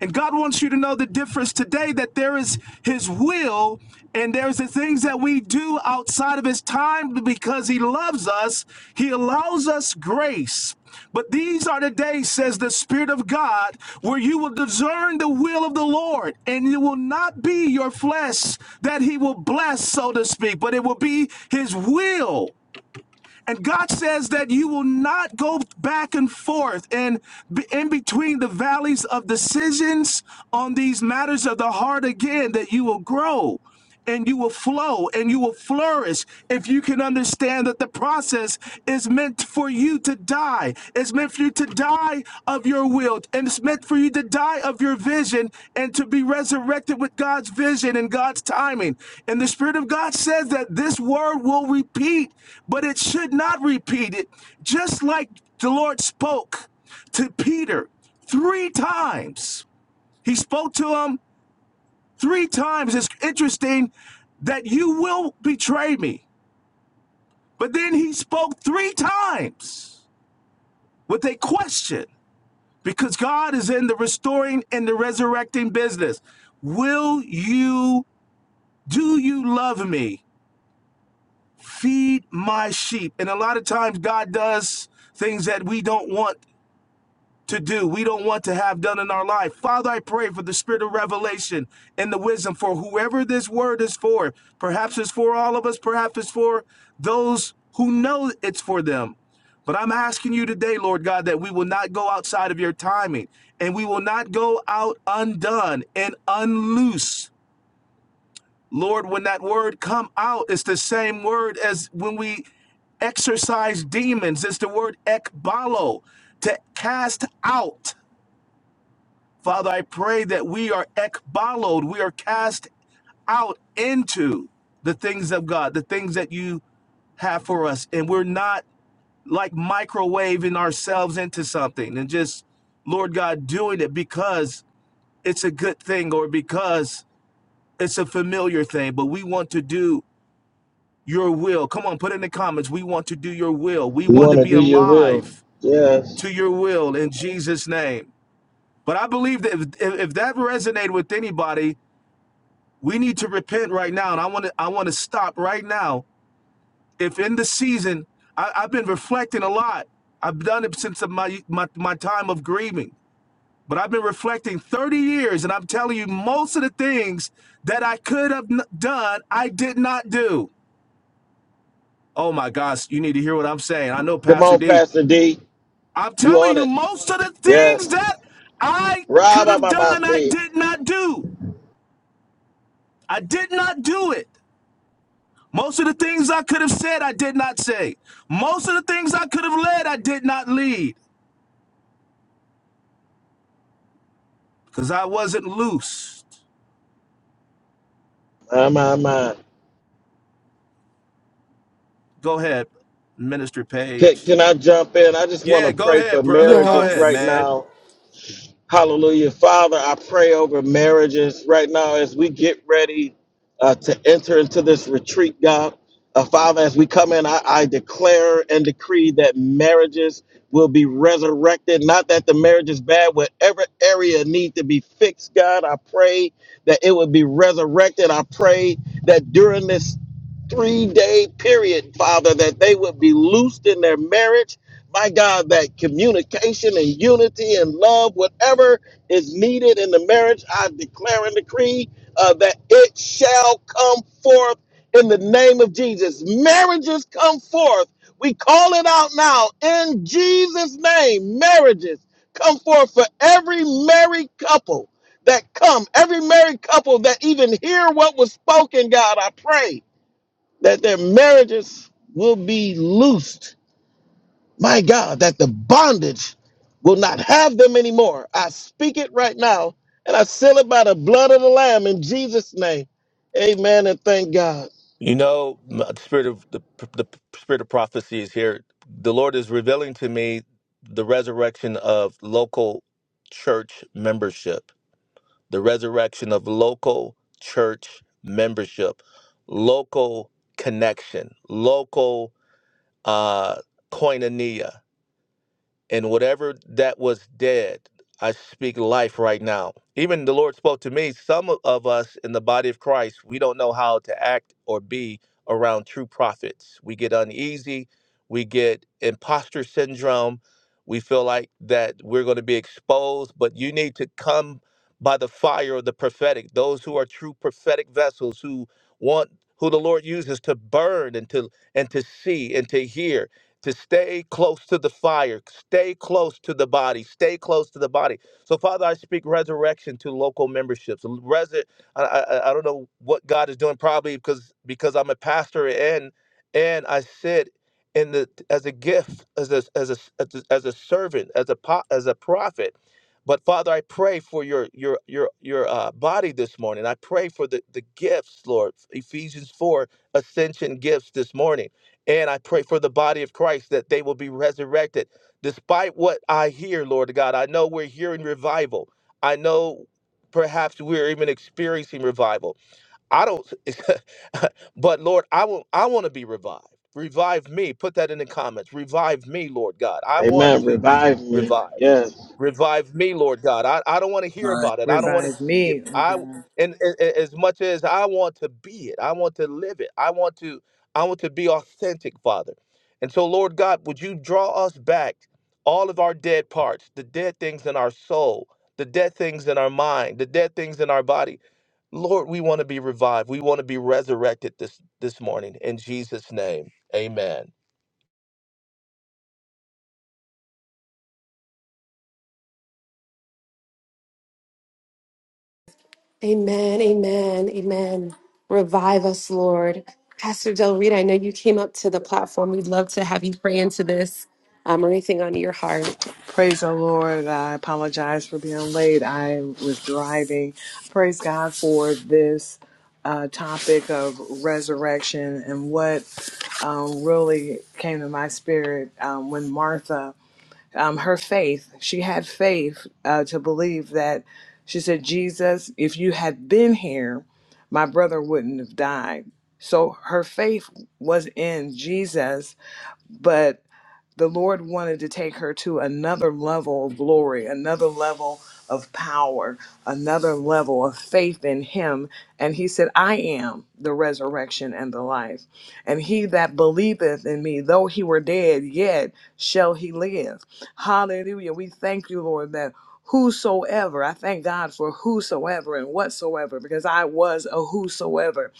S7: And God wants you to know the difference today that there is his will and there's the things that we do outside of his time because he loves us. He allows us grace. But these are the days, says the Spirit of God, where you will discern the will of the Lord, and it will not be your flesh that He will bless, so to speak, but it will be His will. And God says that you will not go back and forth and be in between the valleys of decisions on these matters of the heart again, that you will grow and you will flow and you will flourish if you can understand that the process is meant for you to to die. It's meant for you to die of your will, and it's meant for you to die of your vision and to be resurrected with God's vision and God's timing. And the Spirit of God says that this word will repeat, but it should not repeat it. Just like the Lord spoke to Peter three times, He spoke to him three times. It's interesting that you will betray me. But then he spoke three times with a question because God is in the restoring and the resurrecting business. Will you, do you love me? Feed my sheep. And a lot of times, God does things that we don't want to do, we don't want to have done in our life. Father, I pray for the spirit of revelation and the wisdom for whoever this word is for. Perhaps it's for all of us, perhaps it's for those who know it's for them. But I'm asking you today, Lord God, that we will not go outside of your timing and we will not go out undone and unloose. Lord, when that word come out, it's the same word as when we exorcise demons. It's the word ekbalo, to cast out. Father, I pray that we are ekbaloed, we are cast out into the things of God, the things that you have for us. And we're not like microwaving ourselves into something and just, Lord God, doing it because it's a good thing or because it's a familiar thing, but we want to do your will. Come on, put in the comments. We want to do your will. We
S4: We
S7: want
S4: want
S7: to
S4: to
S7: be
S4: do your will.
S7: alive
S4: Yes.
S7: to your will in Jesus' name. But I believe that if, if that resonated with anybody, We need to repent right now, and I want to I want to stop right now. If in the season, I, I've been reflecting a lot. I've done it since my, my my time of grieving, but I've been reflecting 30 years, and I'm telling you, most of the things that I could have n- done, I did not do. Oh my gosh, you need to hear what I'm saying. I know,
S4: Come
S7: Pastor
S4: on,
S7: D.
S4: Pastor D.
S7: I'm
S4: You
S7: telling
S4: on
S7: you,
S4: it.
S7: most of the things
S4: Yes.
S7: that I could have done, I
S4: Rabba
S7: did not do. I did not do it. Most of the things I could have said, I did not say. Most of the things I could have led, I did not lead because I wasn't loose.
S4: My, my, my.
S7: Go ahead, Minister
S4: Can,
S7: Page.
S4: can I jump in? I just want
S7: Yeah,
S4: to
S7: go
S4: pray for
S7: ahead, brother. Go
S4: marriages
S7: ahead,
S4: right
S7: man.
S4: now. Hallelujah. Father, I pray over marriages right now as we get ready uh, to enter into this retreat, God. Uh, Father, as we come in, I, I declare and decree that marriages will be resurrected. Not that the marriage is bad, whatever area need to be fixed, God, I pray that it would be resurrected. I pray that during this three day period, Father, that they would be loosed in their marriage my God, that communication and unity and love, whatever is needed in the marriage, I declare and decree uh, that it shall come forth in the name of Jesus. Marriages come forth. We call it out now in Jesus' name. Marriages come forth for every married couple that come, every married couple that even hear what was spoken, God, I pray that their marriages will be loosed my God, that the bondage will not have them anymore. I speak it right now and I seal it by the blood of the Lamb in Jesus' name. Amen and thank God.
S7: You know, m- the spirit of the, the spirit of prophecy is here. The Lord is revealing to me the resurrection of local church membership, the resurrection of local church membership, local connection, local uh, koinonia. And whatever that was dead, I speak life right now. Even the Lord spoke to me. Some of us in the body of Christ, we don't know how to act or be around true prophets. We get uneasy, we get imposter syndrome, we feel like that we're going to be exposed, but you need to come by the fire of the prophetic. Those who are true prophetic vessels who want who the Lord uses to burn and to and to see and to hear to stay close to the fire, stay close to the body, stay close to the body. So, Father, I speak resurrection to local memberships. Resur- I, I, I don't know what God is doing, probably because because I'm a pastor and and I sit in the as a gift, as a as a as a, as a servant, as a po- as a prophet. But Father, I pray for your your your your uh, body this morning. I pray for the the gifts, Lord. Ephesians four ascension gifts this morning. And I pray for the body of Christ that they will be resurrected. Despite what I hear, Lord God, I know we're hearing revival. I know perhaps we're even experiencing revival. I don't, but Lord, I want, I want to be revived. Revive me. Put that in the comments. Revive me, Lord God. I want
S4: Amen.
S7: to be
S4: Revive me.
S7: revived
S4: Yes.
S7: revive me lord god i, I don't want to hear about it i don't want to
S5: Revive
S7: see it
S5: me, oh
S7: i
S5: God.
S7: and, a- a- as much as i want to be it i want to live it i want to i want to be authentic father and so lord god would you draw us back all of our dead parts the dead things in our soul the dead things in our mind the dead things in our body lord we want to be revived we want to be resurrected this this morning in jesus name amen
S1: Amen, amen, amen. Revive us, Lord. Pastor Del Rita, I know you came up to the platform. We'd love to have you pray into this um, or anything on your heart.
S5: Praise the Lord. I apologize for being late. I was driving. Praise God for this uh, topic of resurrection and what um, really came to my spirit um, when Martha, um, her faith, she had faith uh, to believe that she said, Jesus, if you had been here, my brother wouldn't have died. So her faith was in Jesus, but the Lord wanted to take her to another level of glory, another level of power, another level of faith in Him. And He said, I am the resurrection and the life. And he that believeth in me, though he were dead, yet shall he live. Hallelujah. We thank you, Lord, that. Whosoever, I thank God for whosoever and whatsoever, because I was a whosoever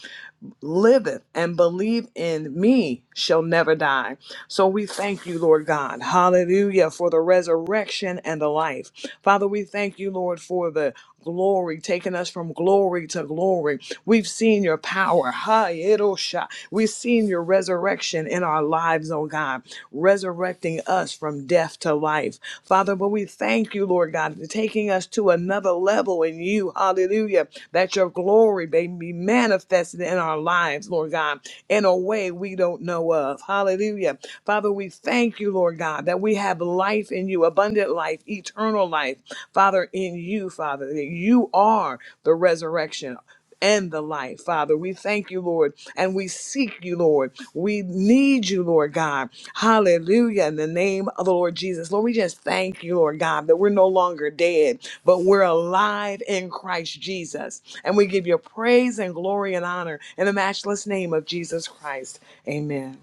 S5: liveth and believe in me shall never die. So we thank you, Lord God. Hallelujah for the resurrection and the life. Father, we thank you, Lord, for the glory, taking us from glory to glory. We've seen your power. Ha-yedosha. We've seen your resurrection in our lives, oh God, resurrecting us from death to life. Father, but we thank you, Lord God, for taking us to another level in you. Hallelujah. That your glory may be manifested in our lives, Lord God, in a way we don't know of. Hallelujah. Father, we thank you, Lord God, that we have life in you, abundant life, eternal life, Father, in you, Father, that you are the resurrection and the life, Father. We thank you, Lord, and we seek you, Lord. We need you, Lord God. Hallelujah. In the name of the Lord Jesus. Lord, we just thank you, Lord God, that we're no longer dead, but we're alive in Christ Jesus. And we give you praise and glory and honor in the matchless name of Jesus Christ. Amen.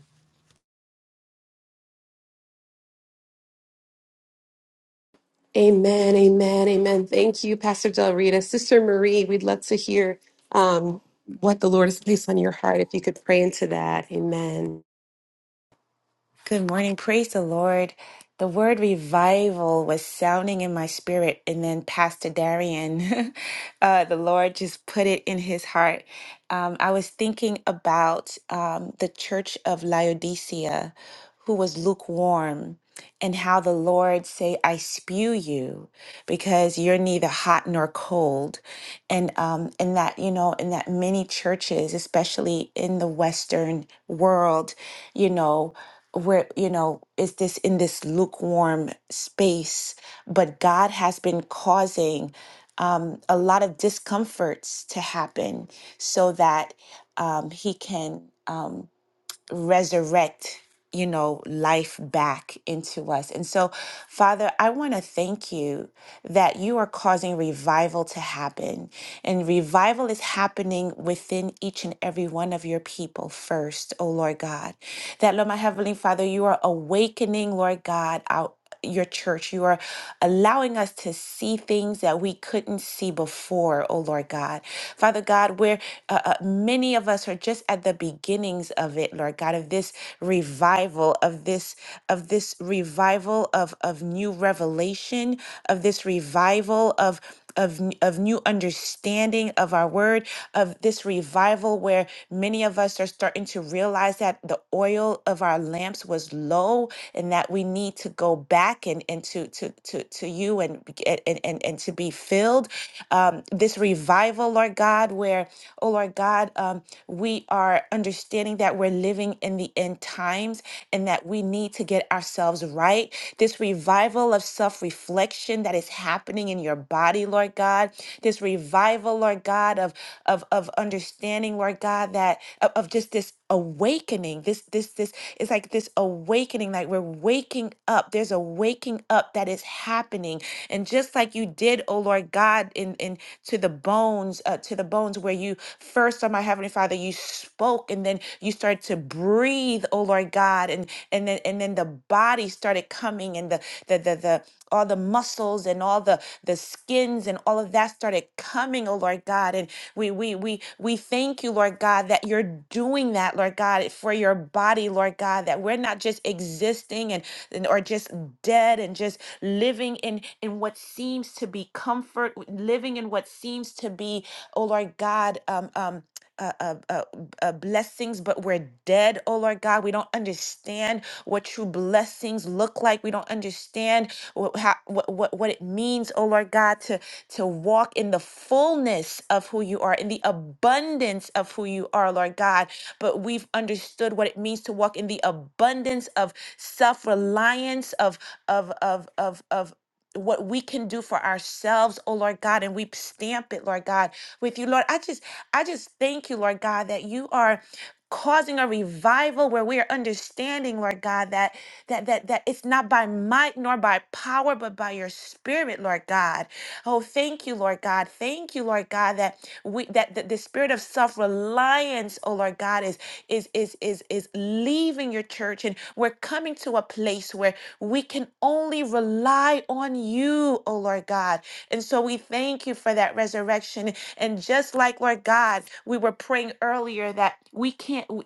S1: Amen, amen, amen. Thank you, Pastor Del Rita. Sister Marie, we'd love to hear um, what the Lord has placed on your heart. If you could pray into that. Amen.
S8: Good morning. Praise the Lord. The word revival was sounding in my spirit, and then Pastor Darian, uh, the Lord just put it in his heart. Um, I was thinking about um, the church of Laodicea, who was lukewarm and how the Lord say, I spew you because you're neither hot nor cold. And um and that, you know, in that many churches, especially in the Western world, you know, where you know is this in this lukewarm space but god has been causing um, a lot of discomforts to happen so that um, he can um, resurrect you know life back into us and so father i want to thank you that you are causing revival to happen and revival is happening within each and every one of your people first oh lord god that lord my heavenly father you are awakening lord god out your church. You are allowing us to see things that we couldn't see before, oh Lord God. Father God, where uh, uh, many of us are just at the beginnings of it, Lord God, of this revival, of this of this revival of of new revelation, of this revival of of n- of new understanding of our word of this revival where many of us are starting to realize that the oil of our lamps was low and that we need to go back and and to to to, to you and, be- and and and and to be filled um this revival lord god where oh lord god um we are understanding that we're living in the end times and that that we need to get ourselves right. This revival of self reflection that is happening in your body, Lord God. This revival, Lord God, of of of understanding, Lord God, that of, of just this awakening. This this this it's like this awakening, like we're waking up. There's a waking up that is happening, and just like you did, oh Lord God, in in to the bones, uh, to the bones tones where you first on my heavenly father you spoke and then you started to breathe oh lord god and and then and then the body started coming and the the the, the all the muscles and all the the skins and all of that started coming oh lord god and we we we we thank you lord god that you're doing that lord god for your body lord god that we're not just existing and, and or just dead and and just living in in what seems to be comfort, living in what seems to be, oh Lord God, um, um, uh, uh, uh, uh, blessings, but we're dead, oh Lord God. We don't understand what true blessings look like. We don't understand what how, what, what what it means, oh Lord God, to to walk in the fullness of who you are, in the abundance of who you are, Lord God. But we've understood what it means to walk in the abundance of self reliance, of of of of of what we can do for ourselves, oh Lord God, and we stamp it, Lord God, with you, Lord. I just, I just thank you, Lord God, that you are causing a revival where we are understanding, Lord God, that that that that it's not by might nor by power, but by your spirit, Lord God. Oh, thank you, Lord God. Thank you, Lord God, that we that the, the spirit of self-reliance, oh Lord God, is is is is is leaving your church and we're coming to a place where we can only rely on you, oh Lord God. And so we thank you for that resurrection. And just like Lord God, we were praying earlier earlier that we can't we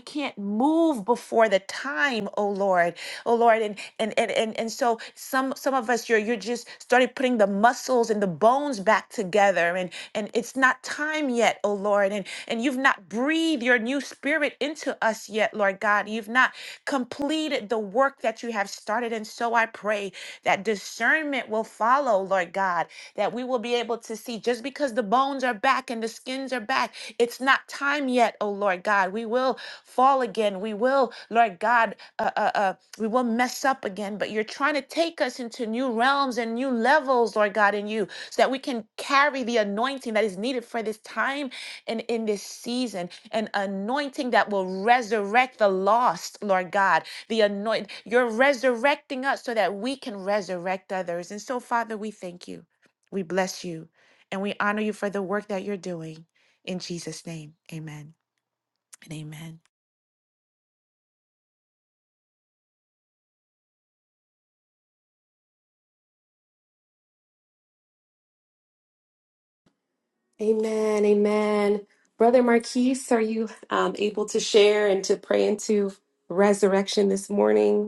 S8: can't move before the time oh lord oh lord and and and and, and so some some of us you're you're just started putting the muscles and the bones back together and and it's not time yet oh lord and and you've not breathed your new spirit into us yet lord god you've not completed the work work that you have started. And so I pray that discernment will follow, Lord God, that we will be able to see just because the bones are back and the skins are back, it's not time yet, oh Lord God. We will fall again. We will, Lord God, uh, uh, uh, we will mess up again, but you're trying to take us into new realms and new levels, Lord God, in you, so that we can carry the anointing that is needed for this time and in this season, an anointing that will resurrect the lost, Lord God, the anoint you're resurrecting us so that we can resurrect others and so father we thank you we bless you and we honor you for the work that you're doing in jesus name amen and amen
S1: Amen, amen. Brother Marquise, are you um, able to share and to pray into resurrection this morning?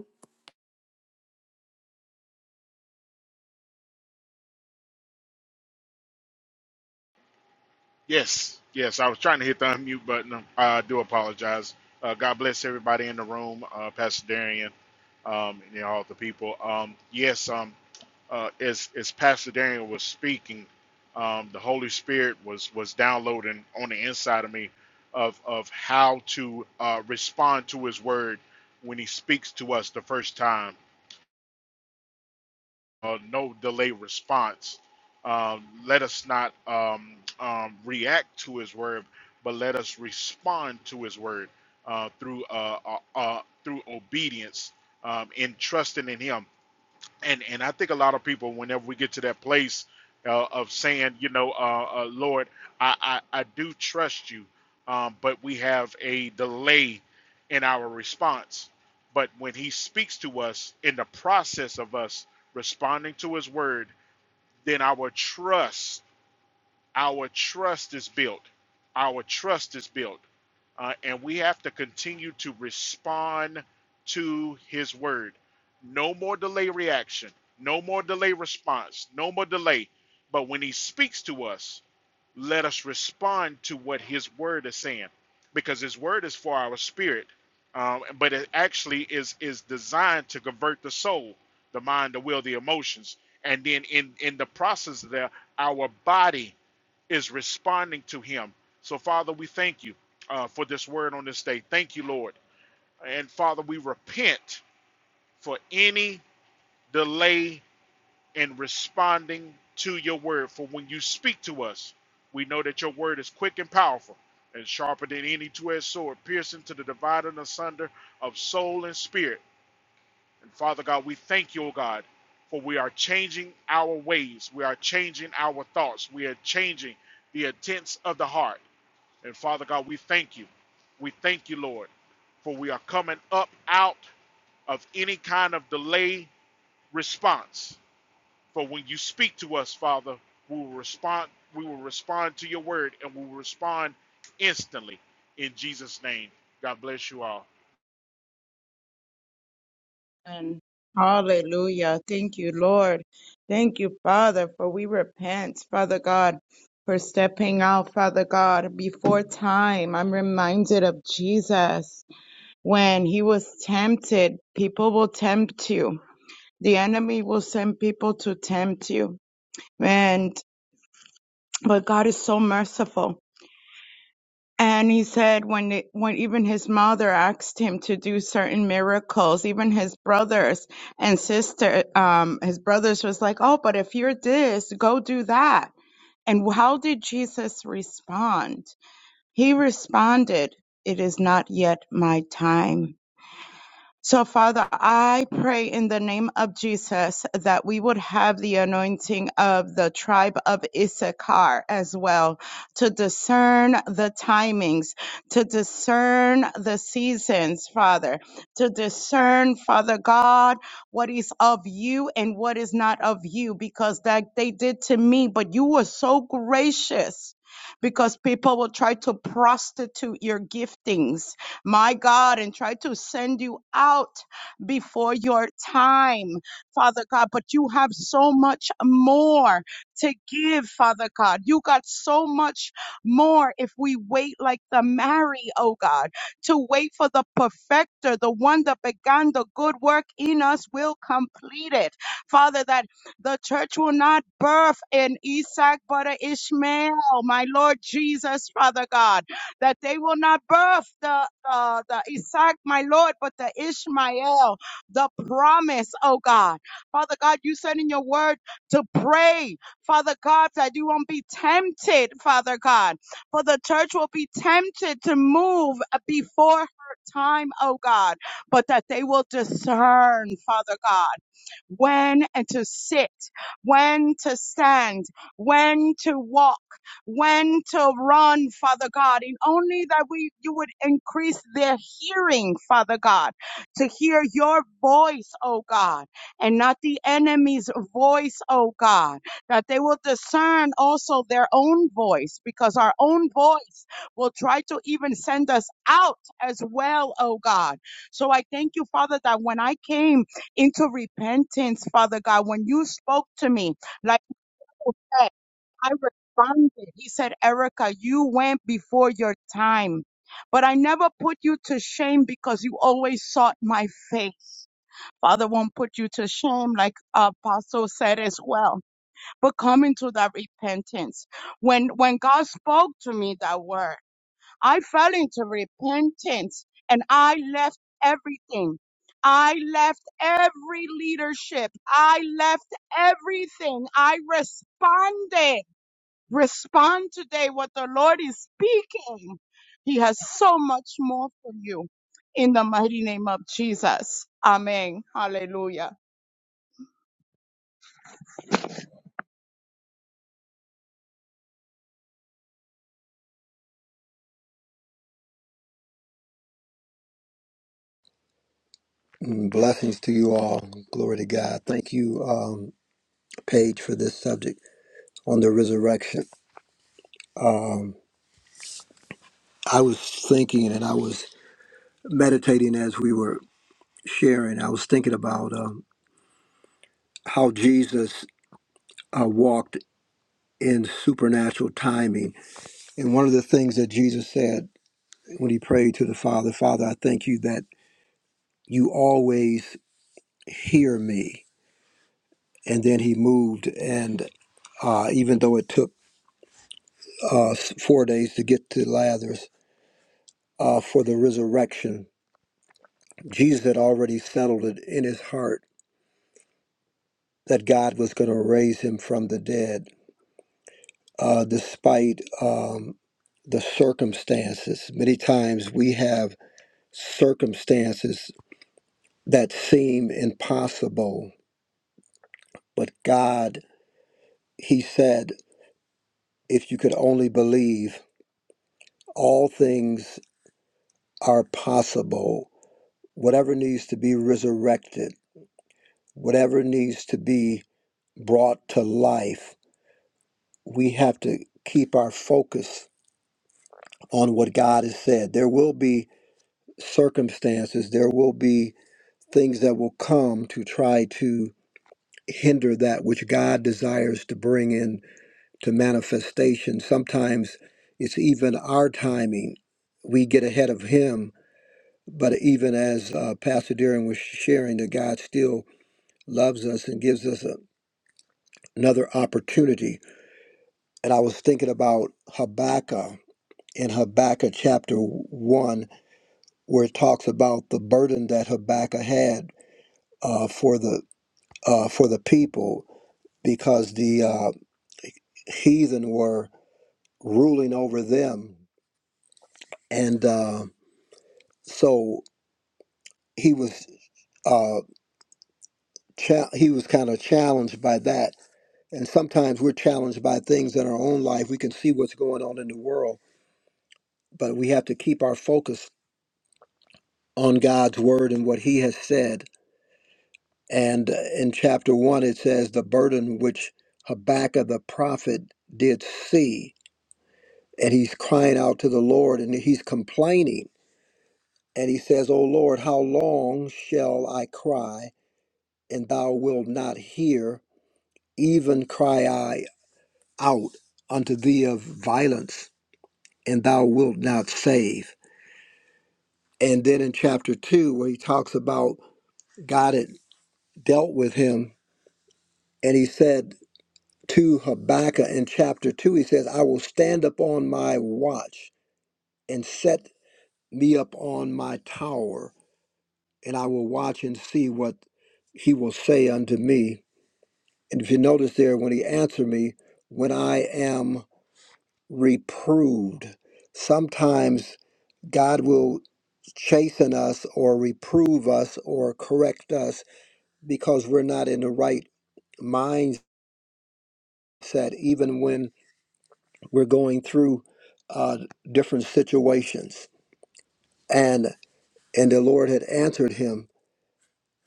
S9: Yes, yes. I was trying to hit the unmute button. Uh, I do apologize. Uh, God bless everybody in the room, uh, Pastor Darian, um, and you know, all the people. Um, yes, um, uh, as as Pastor Darian was speaking, um, the Holy Spirit was was downloading on the inside of me of of how to uh, respond to His Word when He speaks to us the first time uh, no delay response. Um, let us not um, um, react to his word, but let us respond to his word uh, through uh, uh, uh, through obedience um, in trusting in him and and I think a lot of people, whenever we get to that place uh, of saying, you know, uh, uh, Lord, I, I I do trust you, um, but we have a delay in our response. But when He speaks to us in the process of us responding to His word, then our trust our trust is built. Our trust is built. Uh, and we have to continue to respond to his word. No more delay reaction, no more delay response, no more delay. But when he speaks to us, let us respond to what his word is saying, because his word is for our spirit, um, but it actually is is designed to convert the soul, the mind, the will, the emotions, and then in in the process there, our body is responding to him. So, Father, we thank you uh, for this word on this day. Thank you, Lord. And, Father, we repent for any delay in responding to your word. For when you speak to us, we know that your word is quick and powerful and sharper than any two edged sword, piercing to the dividing asunder of soul and spirit. And, Father God, we thank you, O God, for we are changing our ways, we are changing our thoughts, we are changing the intents of the heart. And Father God, we thank you. We thank you, Lord, for we are coming up out of any kind of delay response. For when you speak to us, Father, we will respond, we will respond to your word and we will respond instantly. In Jesus' name. God bless you all.
S6: And hallelujah. Thank you, Lord. Thank you, Father, for we repent, Father God. For stepping out, Father God, before time. I'm reminded of Jesus when he was tempted. People will tempt you. The enemy will send people to tempt you. and but God is so merciful. And he said when they, when even his mother asked him to do certain miracles, even his brothers and sister, um, his brothers was like, "Oh, but if you're this, go do that." And how did Jesus respond? He responded, "It is not yet my time." So, Father, I pray in the name of Jesus that we would have the anointing of the tribe of Issachar as well to discern the timings, to discern the seasons, Father, to discern, Father God, what is of you and what is not of you, because that they did to me, but you were so gracious because people will try to prostitute your giftings my God, and try to send you out before your time, Father God. But you have so much more to give, Father God. You got so much more if we wait like the Mary, oh God, to wait for the perfecter, the one that began the good work in us will complete it. Father, that the church will not birth an Isaac but an Ishmael, my Lord Jesus, Father God that they will not birth the, uh, the Isaac, my Lord, but the Ishmael, the promise, oh God. Father God, you said in your word to pray, Father God, that you won't be tempted, Father God, for the church will be tempted to move before her time, oh God, but that they will discern, Father God when to sit, when to stand, when to walk, when to run, Father God, and only that we you would increase their hearing, Father God, to hear your voice, oh God, and not the enemy's voice, oh God, that they will discern also their own voice, because our own voice will try to even send us out as well, oh God. So I thank you, Father, that when I came into repentance, Father God. When you spoke to me, like you said, I responded. He said, Erica, you went before your time, but I never put you to shame because you always sought my face. Father won't put you to shame, like Apostle said as well. But come into that repentance. When when God spoke to me that word. I fell into repentance and I left everything. I left every leadership. I left everything. I responded. Respond today what the Lord is speaking. He has so much more for you. In the mighty name of Jesus. Amen. Hallelujah.
S3: Blessings to you all. Glory to God. Thank you, um, Paige, for this subject on the resurrection. Um, I was thinking and I was meditating as we were sharing. I was thinking about. Um, how Jesus uh, walked in supernatural timing. And one of the things that Jesus said when he prayed to the Father, Father, I thank you that you always hear me. And then he moved, and uh, even though it took uh, s- four days to get to Lazarus uh, for the resurrection, Jesus had already settled it in his heart that God was going to raise him from the dead, uh, despite um, the circumstances. Many times we have circumstances that seem impossible. But God, He said, if you could only believe, all things are possible. Whatever needs to be resurrected, whatever needs to be brought to life, we have to keep our focus on what God has said. There will be circumstances, there will be things that will come to try to hinder that which God desires to bring in to manifestation. Sometimes it's even our timing. We get ahead of Him, but even as uh, Pastor Darren was sharing, that God still loves us and gives us a, another opportunity. And I was thinking about Habakkuk in Habakkuk chapter 1, where it talks about the burden that Habakkuk had uh, for, the, uh, for the people because the uh, heathen were ruling over them. And uh, so he was uh cha- he was kind of challenged by that and sometimes we're challenged by things in our own life we can see what's going on in the world but we have to keep our focus on God's word and what he has said and uh, in chapter 1 it says the burden which Habakkuk the prophet did see and he's crying out to the Lord and he's complaining and he says "O Lord how long shall I cry and thou wilt not hear even cry I out unto thee of violence, and thou wilt not save. And then in chapter two, where he talks about God had dealt with him, and he said to Habakkuk in chapter two, he says, I will stand up on my watch and set me up on my tower, and I will watch and see what he will say unto me. And if you notice there, when he answered me, when I am reproved, sometimes God will chasten us or reprove us or correct us because we're not in the right mindset, even when we're going through uh, different situations. And and the Lord had answered him.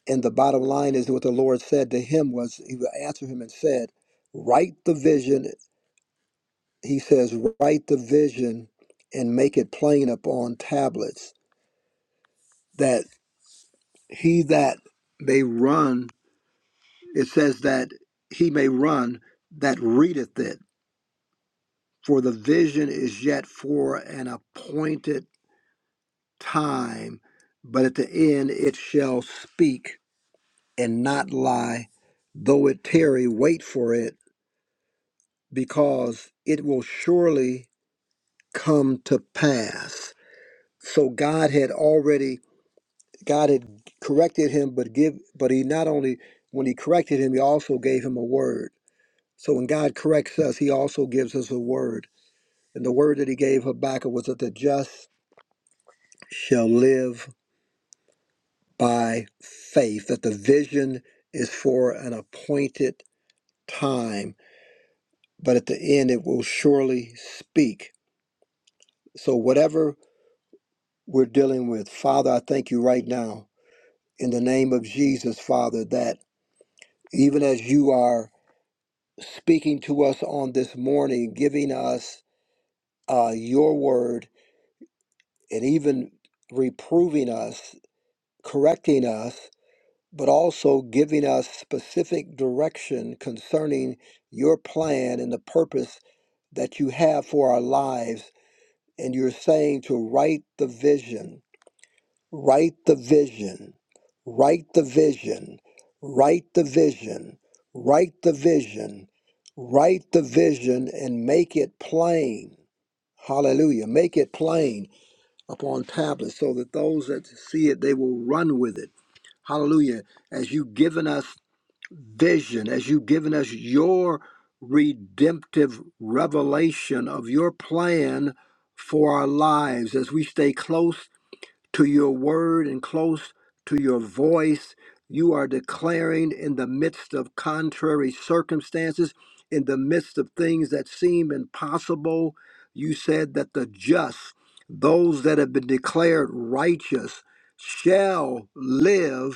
S3: And the bottom line is what the Lord said to him was He answered him and said, "Write the vision." He says, "Write the vision and make it plain upon tablets, that he that may run." it says that he may run that readeth it, for the vision is yet for an appointed time, but at the end it shall speak and not lie. Though it tarry, wait for it, because it will surely come to pass. So God had already God had corrected him, but give but he not only when he corrected him, he also gave him a word. So when God corrects us, he also gives us a word And the word that he gave Habakkuk was that the just shall live by faith, that the vision is for an appointed time, but at the end it will surely speak. So, whatever we're dealing with, Father, I thank you right now in the name of Jesus, Father, that even as you are speaking to us on this morning, giving us uh, your word, and even reproving us, correcting us but also giving us specific direction concerning your plan and the purpose that you have for our lives. And you're saying to write the vision, write the vision, write the vision, write the vision, write the vision, write the vision, and make it plain. Hallelujah. Make it plain upon tablets so that those that see it, they will run with it. Hallelujah. As you've given us vision, as you've given us your redemptive revelation of your plan for our lives, as we stay close to your word and close to your voice, you are declaring in the midst of contrary circumstances, in the midst of things that seem impossible. You said that the just, those that have been declared righteous, shall live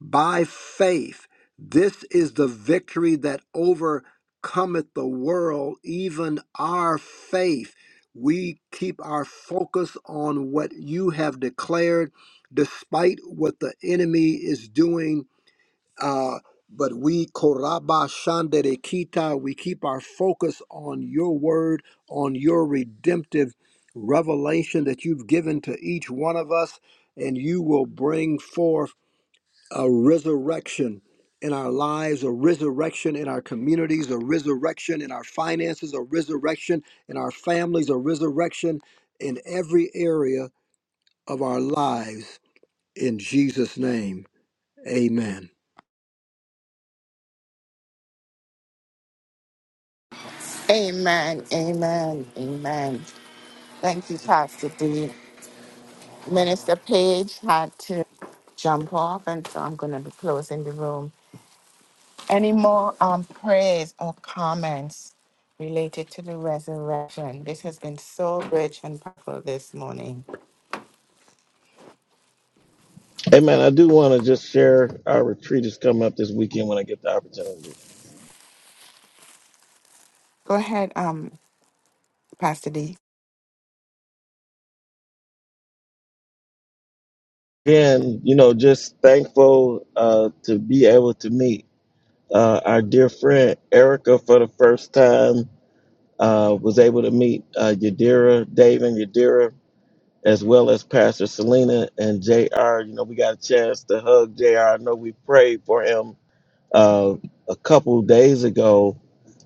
S3: by faith, this is the victory that overcometh the world, even our faith. We keep our focus on what you have declared, despite what the enemy is doing. Uh, but we koraba shandere kita, we keep our focus on your word, on your redemptive revelation that you've given to each one of us, and you will bring forth a resurrection in our lives, a resurrection in our communities, a resurrection in our finances, a resurrection in our families, a resurrection in every area of our lives. In Jesus' name, amen.
S2: Amen. Amen. Amen. Thank you, Pastor D. Minister Page had to jump off, and so I'm going to be closing the room. Any more um, prayers or comments related to the resurrection? This has been so rich and powerful this morning.
S4: Amen. I do want to just share our retreat is coming up this weekend when I get the opportunity.
S2: Go ahead, um, Pastor D.
S4: and you know, just thankful uh, to be able to meet uh, our dear friend Erica for the first time. Uh, was able to meet uh, Yadira, Dave and Yadira as well as Pastor Selena and JR. You know, we got a chance to hug JR. I know we prayed for him uh, a couple days ago.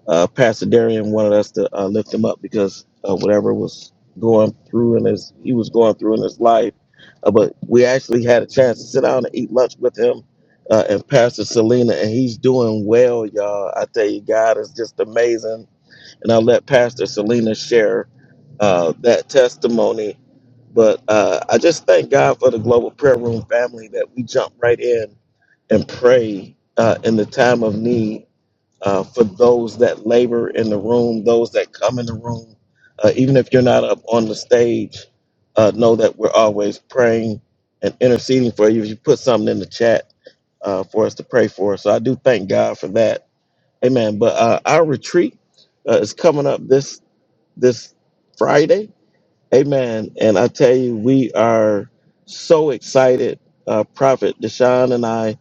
S4: Uh, Pastor Darian wanted us to uh, lift him up because uh, whatever was going through in his, he was going through in his life. Uh, but we actually had a chance to sit down and eat lunch with him uh, and Pastor Selena, and he's doing well, y'all. I tell you, God is just amazing. And I'll let Pastor Selena share uh, that testimony but uh, I just thank God for the Global Prayer Room family that we jump right in and pray uh, in the time of need uh, for those that labor in the room, those that come in the room. Uh, even if you're not up on the stage, uh, know that we're always praying and interceding for you. If you put something in the chat uh, for us to pray for, so I do thank God for that. Amen. But uh, our retreat uh, is coming up this this Friday Amen. And I tell you, we are so excited. Uh, Prophet Deshaun and I,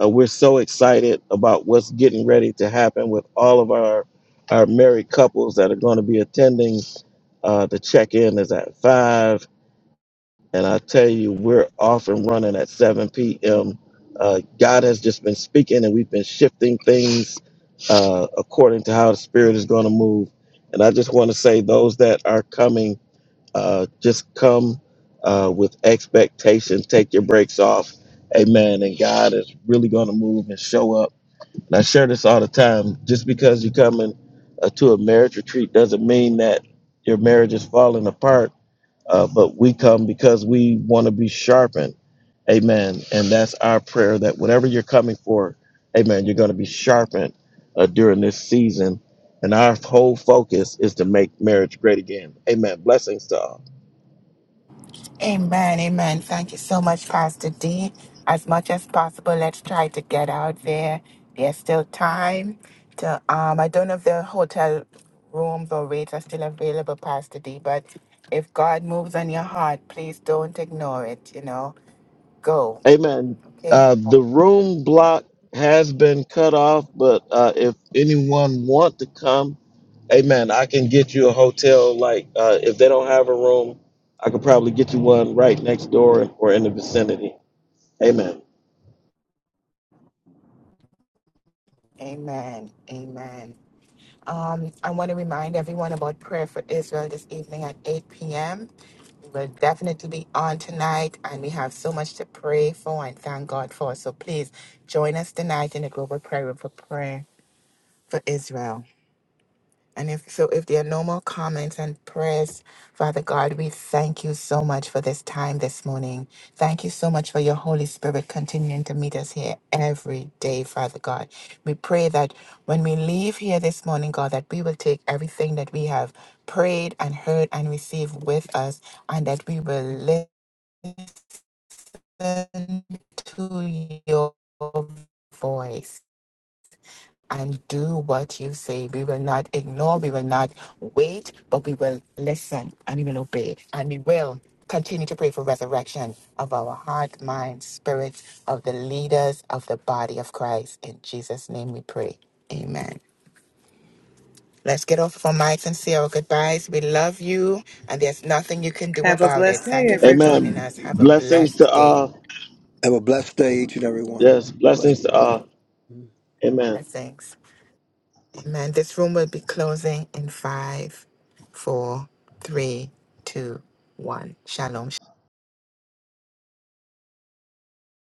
S4: uh, we're so excited about what's getting ready to happen with all of our our married couples that are going to be attending. Uh, the check in is at five, and I tell you, we're off and running at seven p.m. Uh, God has just been speaking, and we've been shifting things uh, according to how the Spirit is going to move. And I just want to say, those that are coming. Uh, just come uh, with expectation. Take your brakes off. Amen. And God is really going to move and show up. And I share this all the time. Just because you're coming uh, to a marriage retreat doesn't mean that your marriage is falling apart. Uh, but we come because we want to be sharpened. Amen. And that's our prayer that whatever you're coming for, amen, you're going to be sharpened uh, during this season. And our whole focus is to make marriage great again. Amen. Blessings to all.
S2: Amen, amen. Thank you so much, Pastor D. As much as possible, let's try to get out there. There's still time to um I don't know if the hotel rooms or rates are still available, Pastor D, but if God moves on your heart, please don't ignore it, you know. Go.
S4: Amen.
S2: Okay?
S4: Uh, the room block has been cut off, but uh, if anyone want to come, amen, I can get you a hotel. Like uh, if they don't have a room, I could probably get you one right next door or in the vicinity. Amen.
S2: Amen. Amen. Um, I want to remind everyone about prayer for Israel this evening at 8 p.m. We'll definitely be on tonight, and we have so much to pray for and thank God for. So please join us tonight in the global prayer room for prayer for Israel. And if so, if there are no more comments and prayers, Father God, we thank you so much for this time this morning. Thank you so much for your Holy Spirit continuing to meet us here every day, Father God. We pray that when we leave here this morning, God, that we will take everything that we have prayed and heard and received with us, and that we will live listen to your voice and do what you say. We will not ignore, we will not wait, but we will listen and we will obey. And we will continue to pray for resurrection of our heart, mind, spirit, of the leaders of the body of Christ. In Jesus' name we pray. Amen. Let's get off our mics and say our goodbyes. We love you, and there's nothing you can do
S5: Have a
S2: about it.
S5: blessed
S2: Thank
S5: day,
S2: you for
S5: everyone.
S2: joining
S4: Amen.
S2: us. Have a
S4: Blessings to
S2: blessed day.
S4: all.
S3: Have a blessed day, each and every one.
S4: Yes,
S3: Bless.
S4: blessings to all. Amen.
S2: Blessings. Amen. This room will be closing in five, four, three, two, one. Shalom.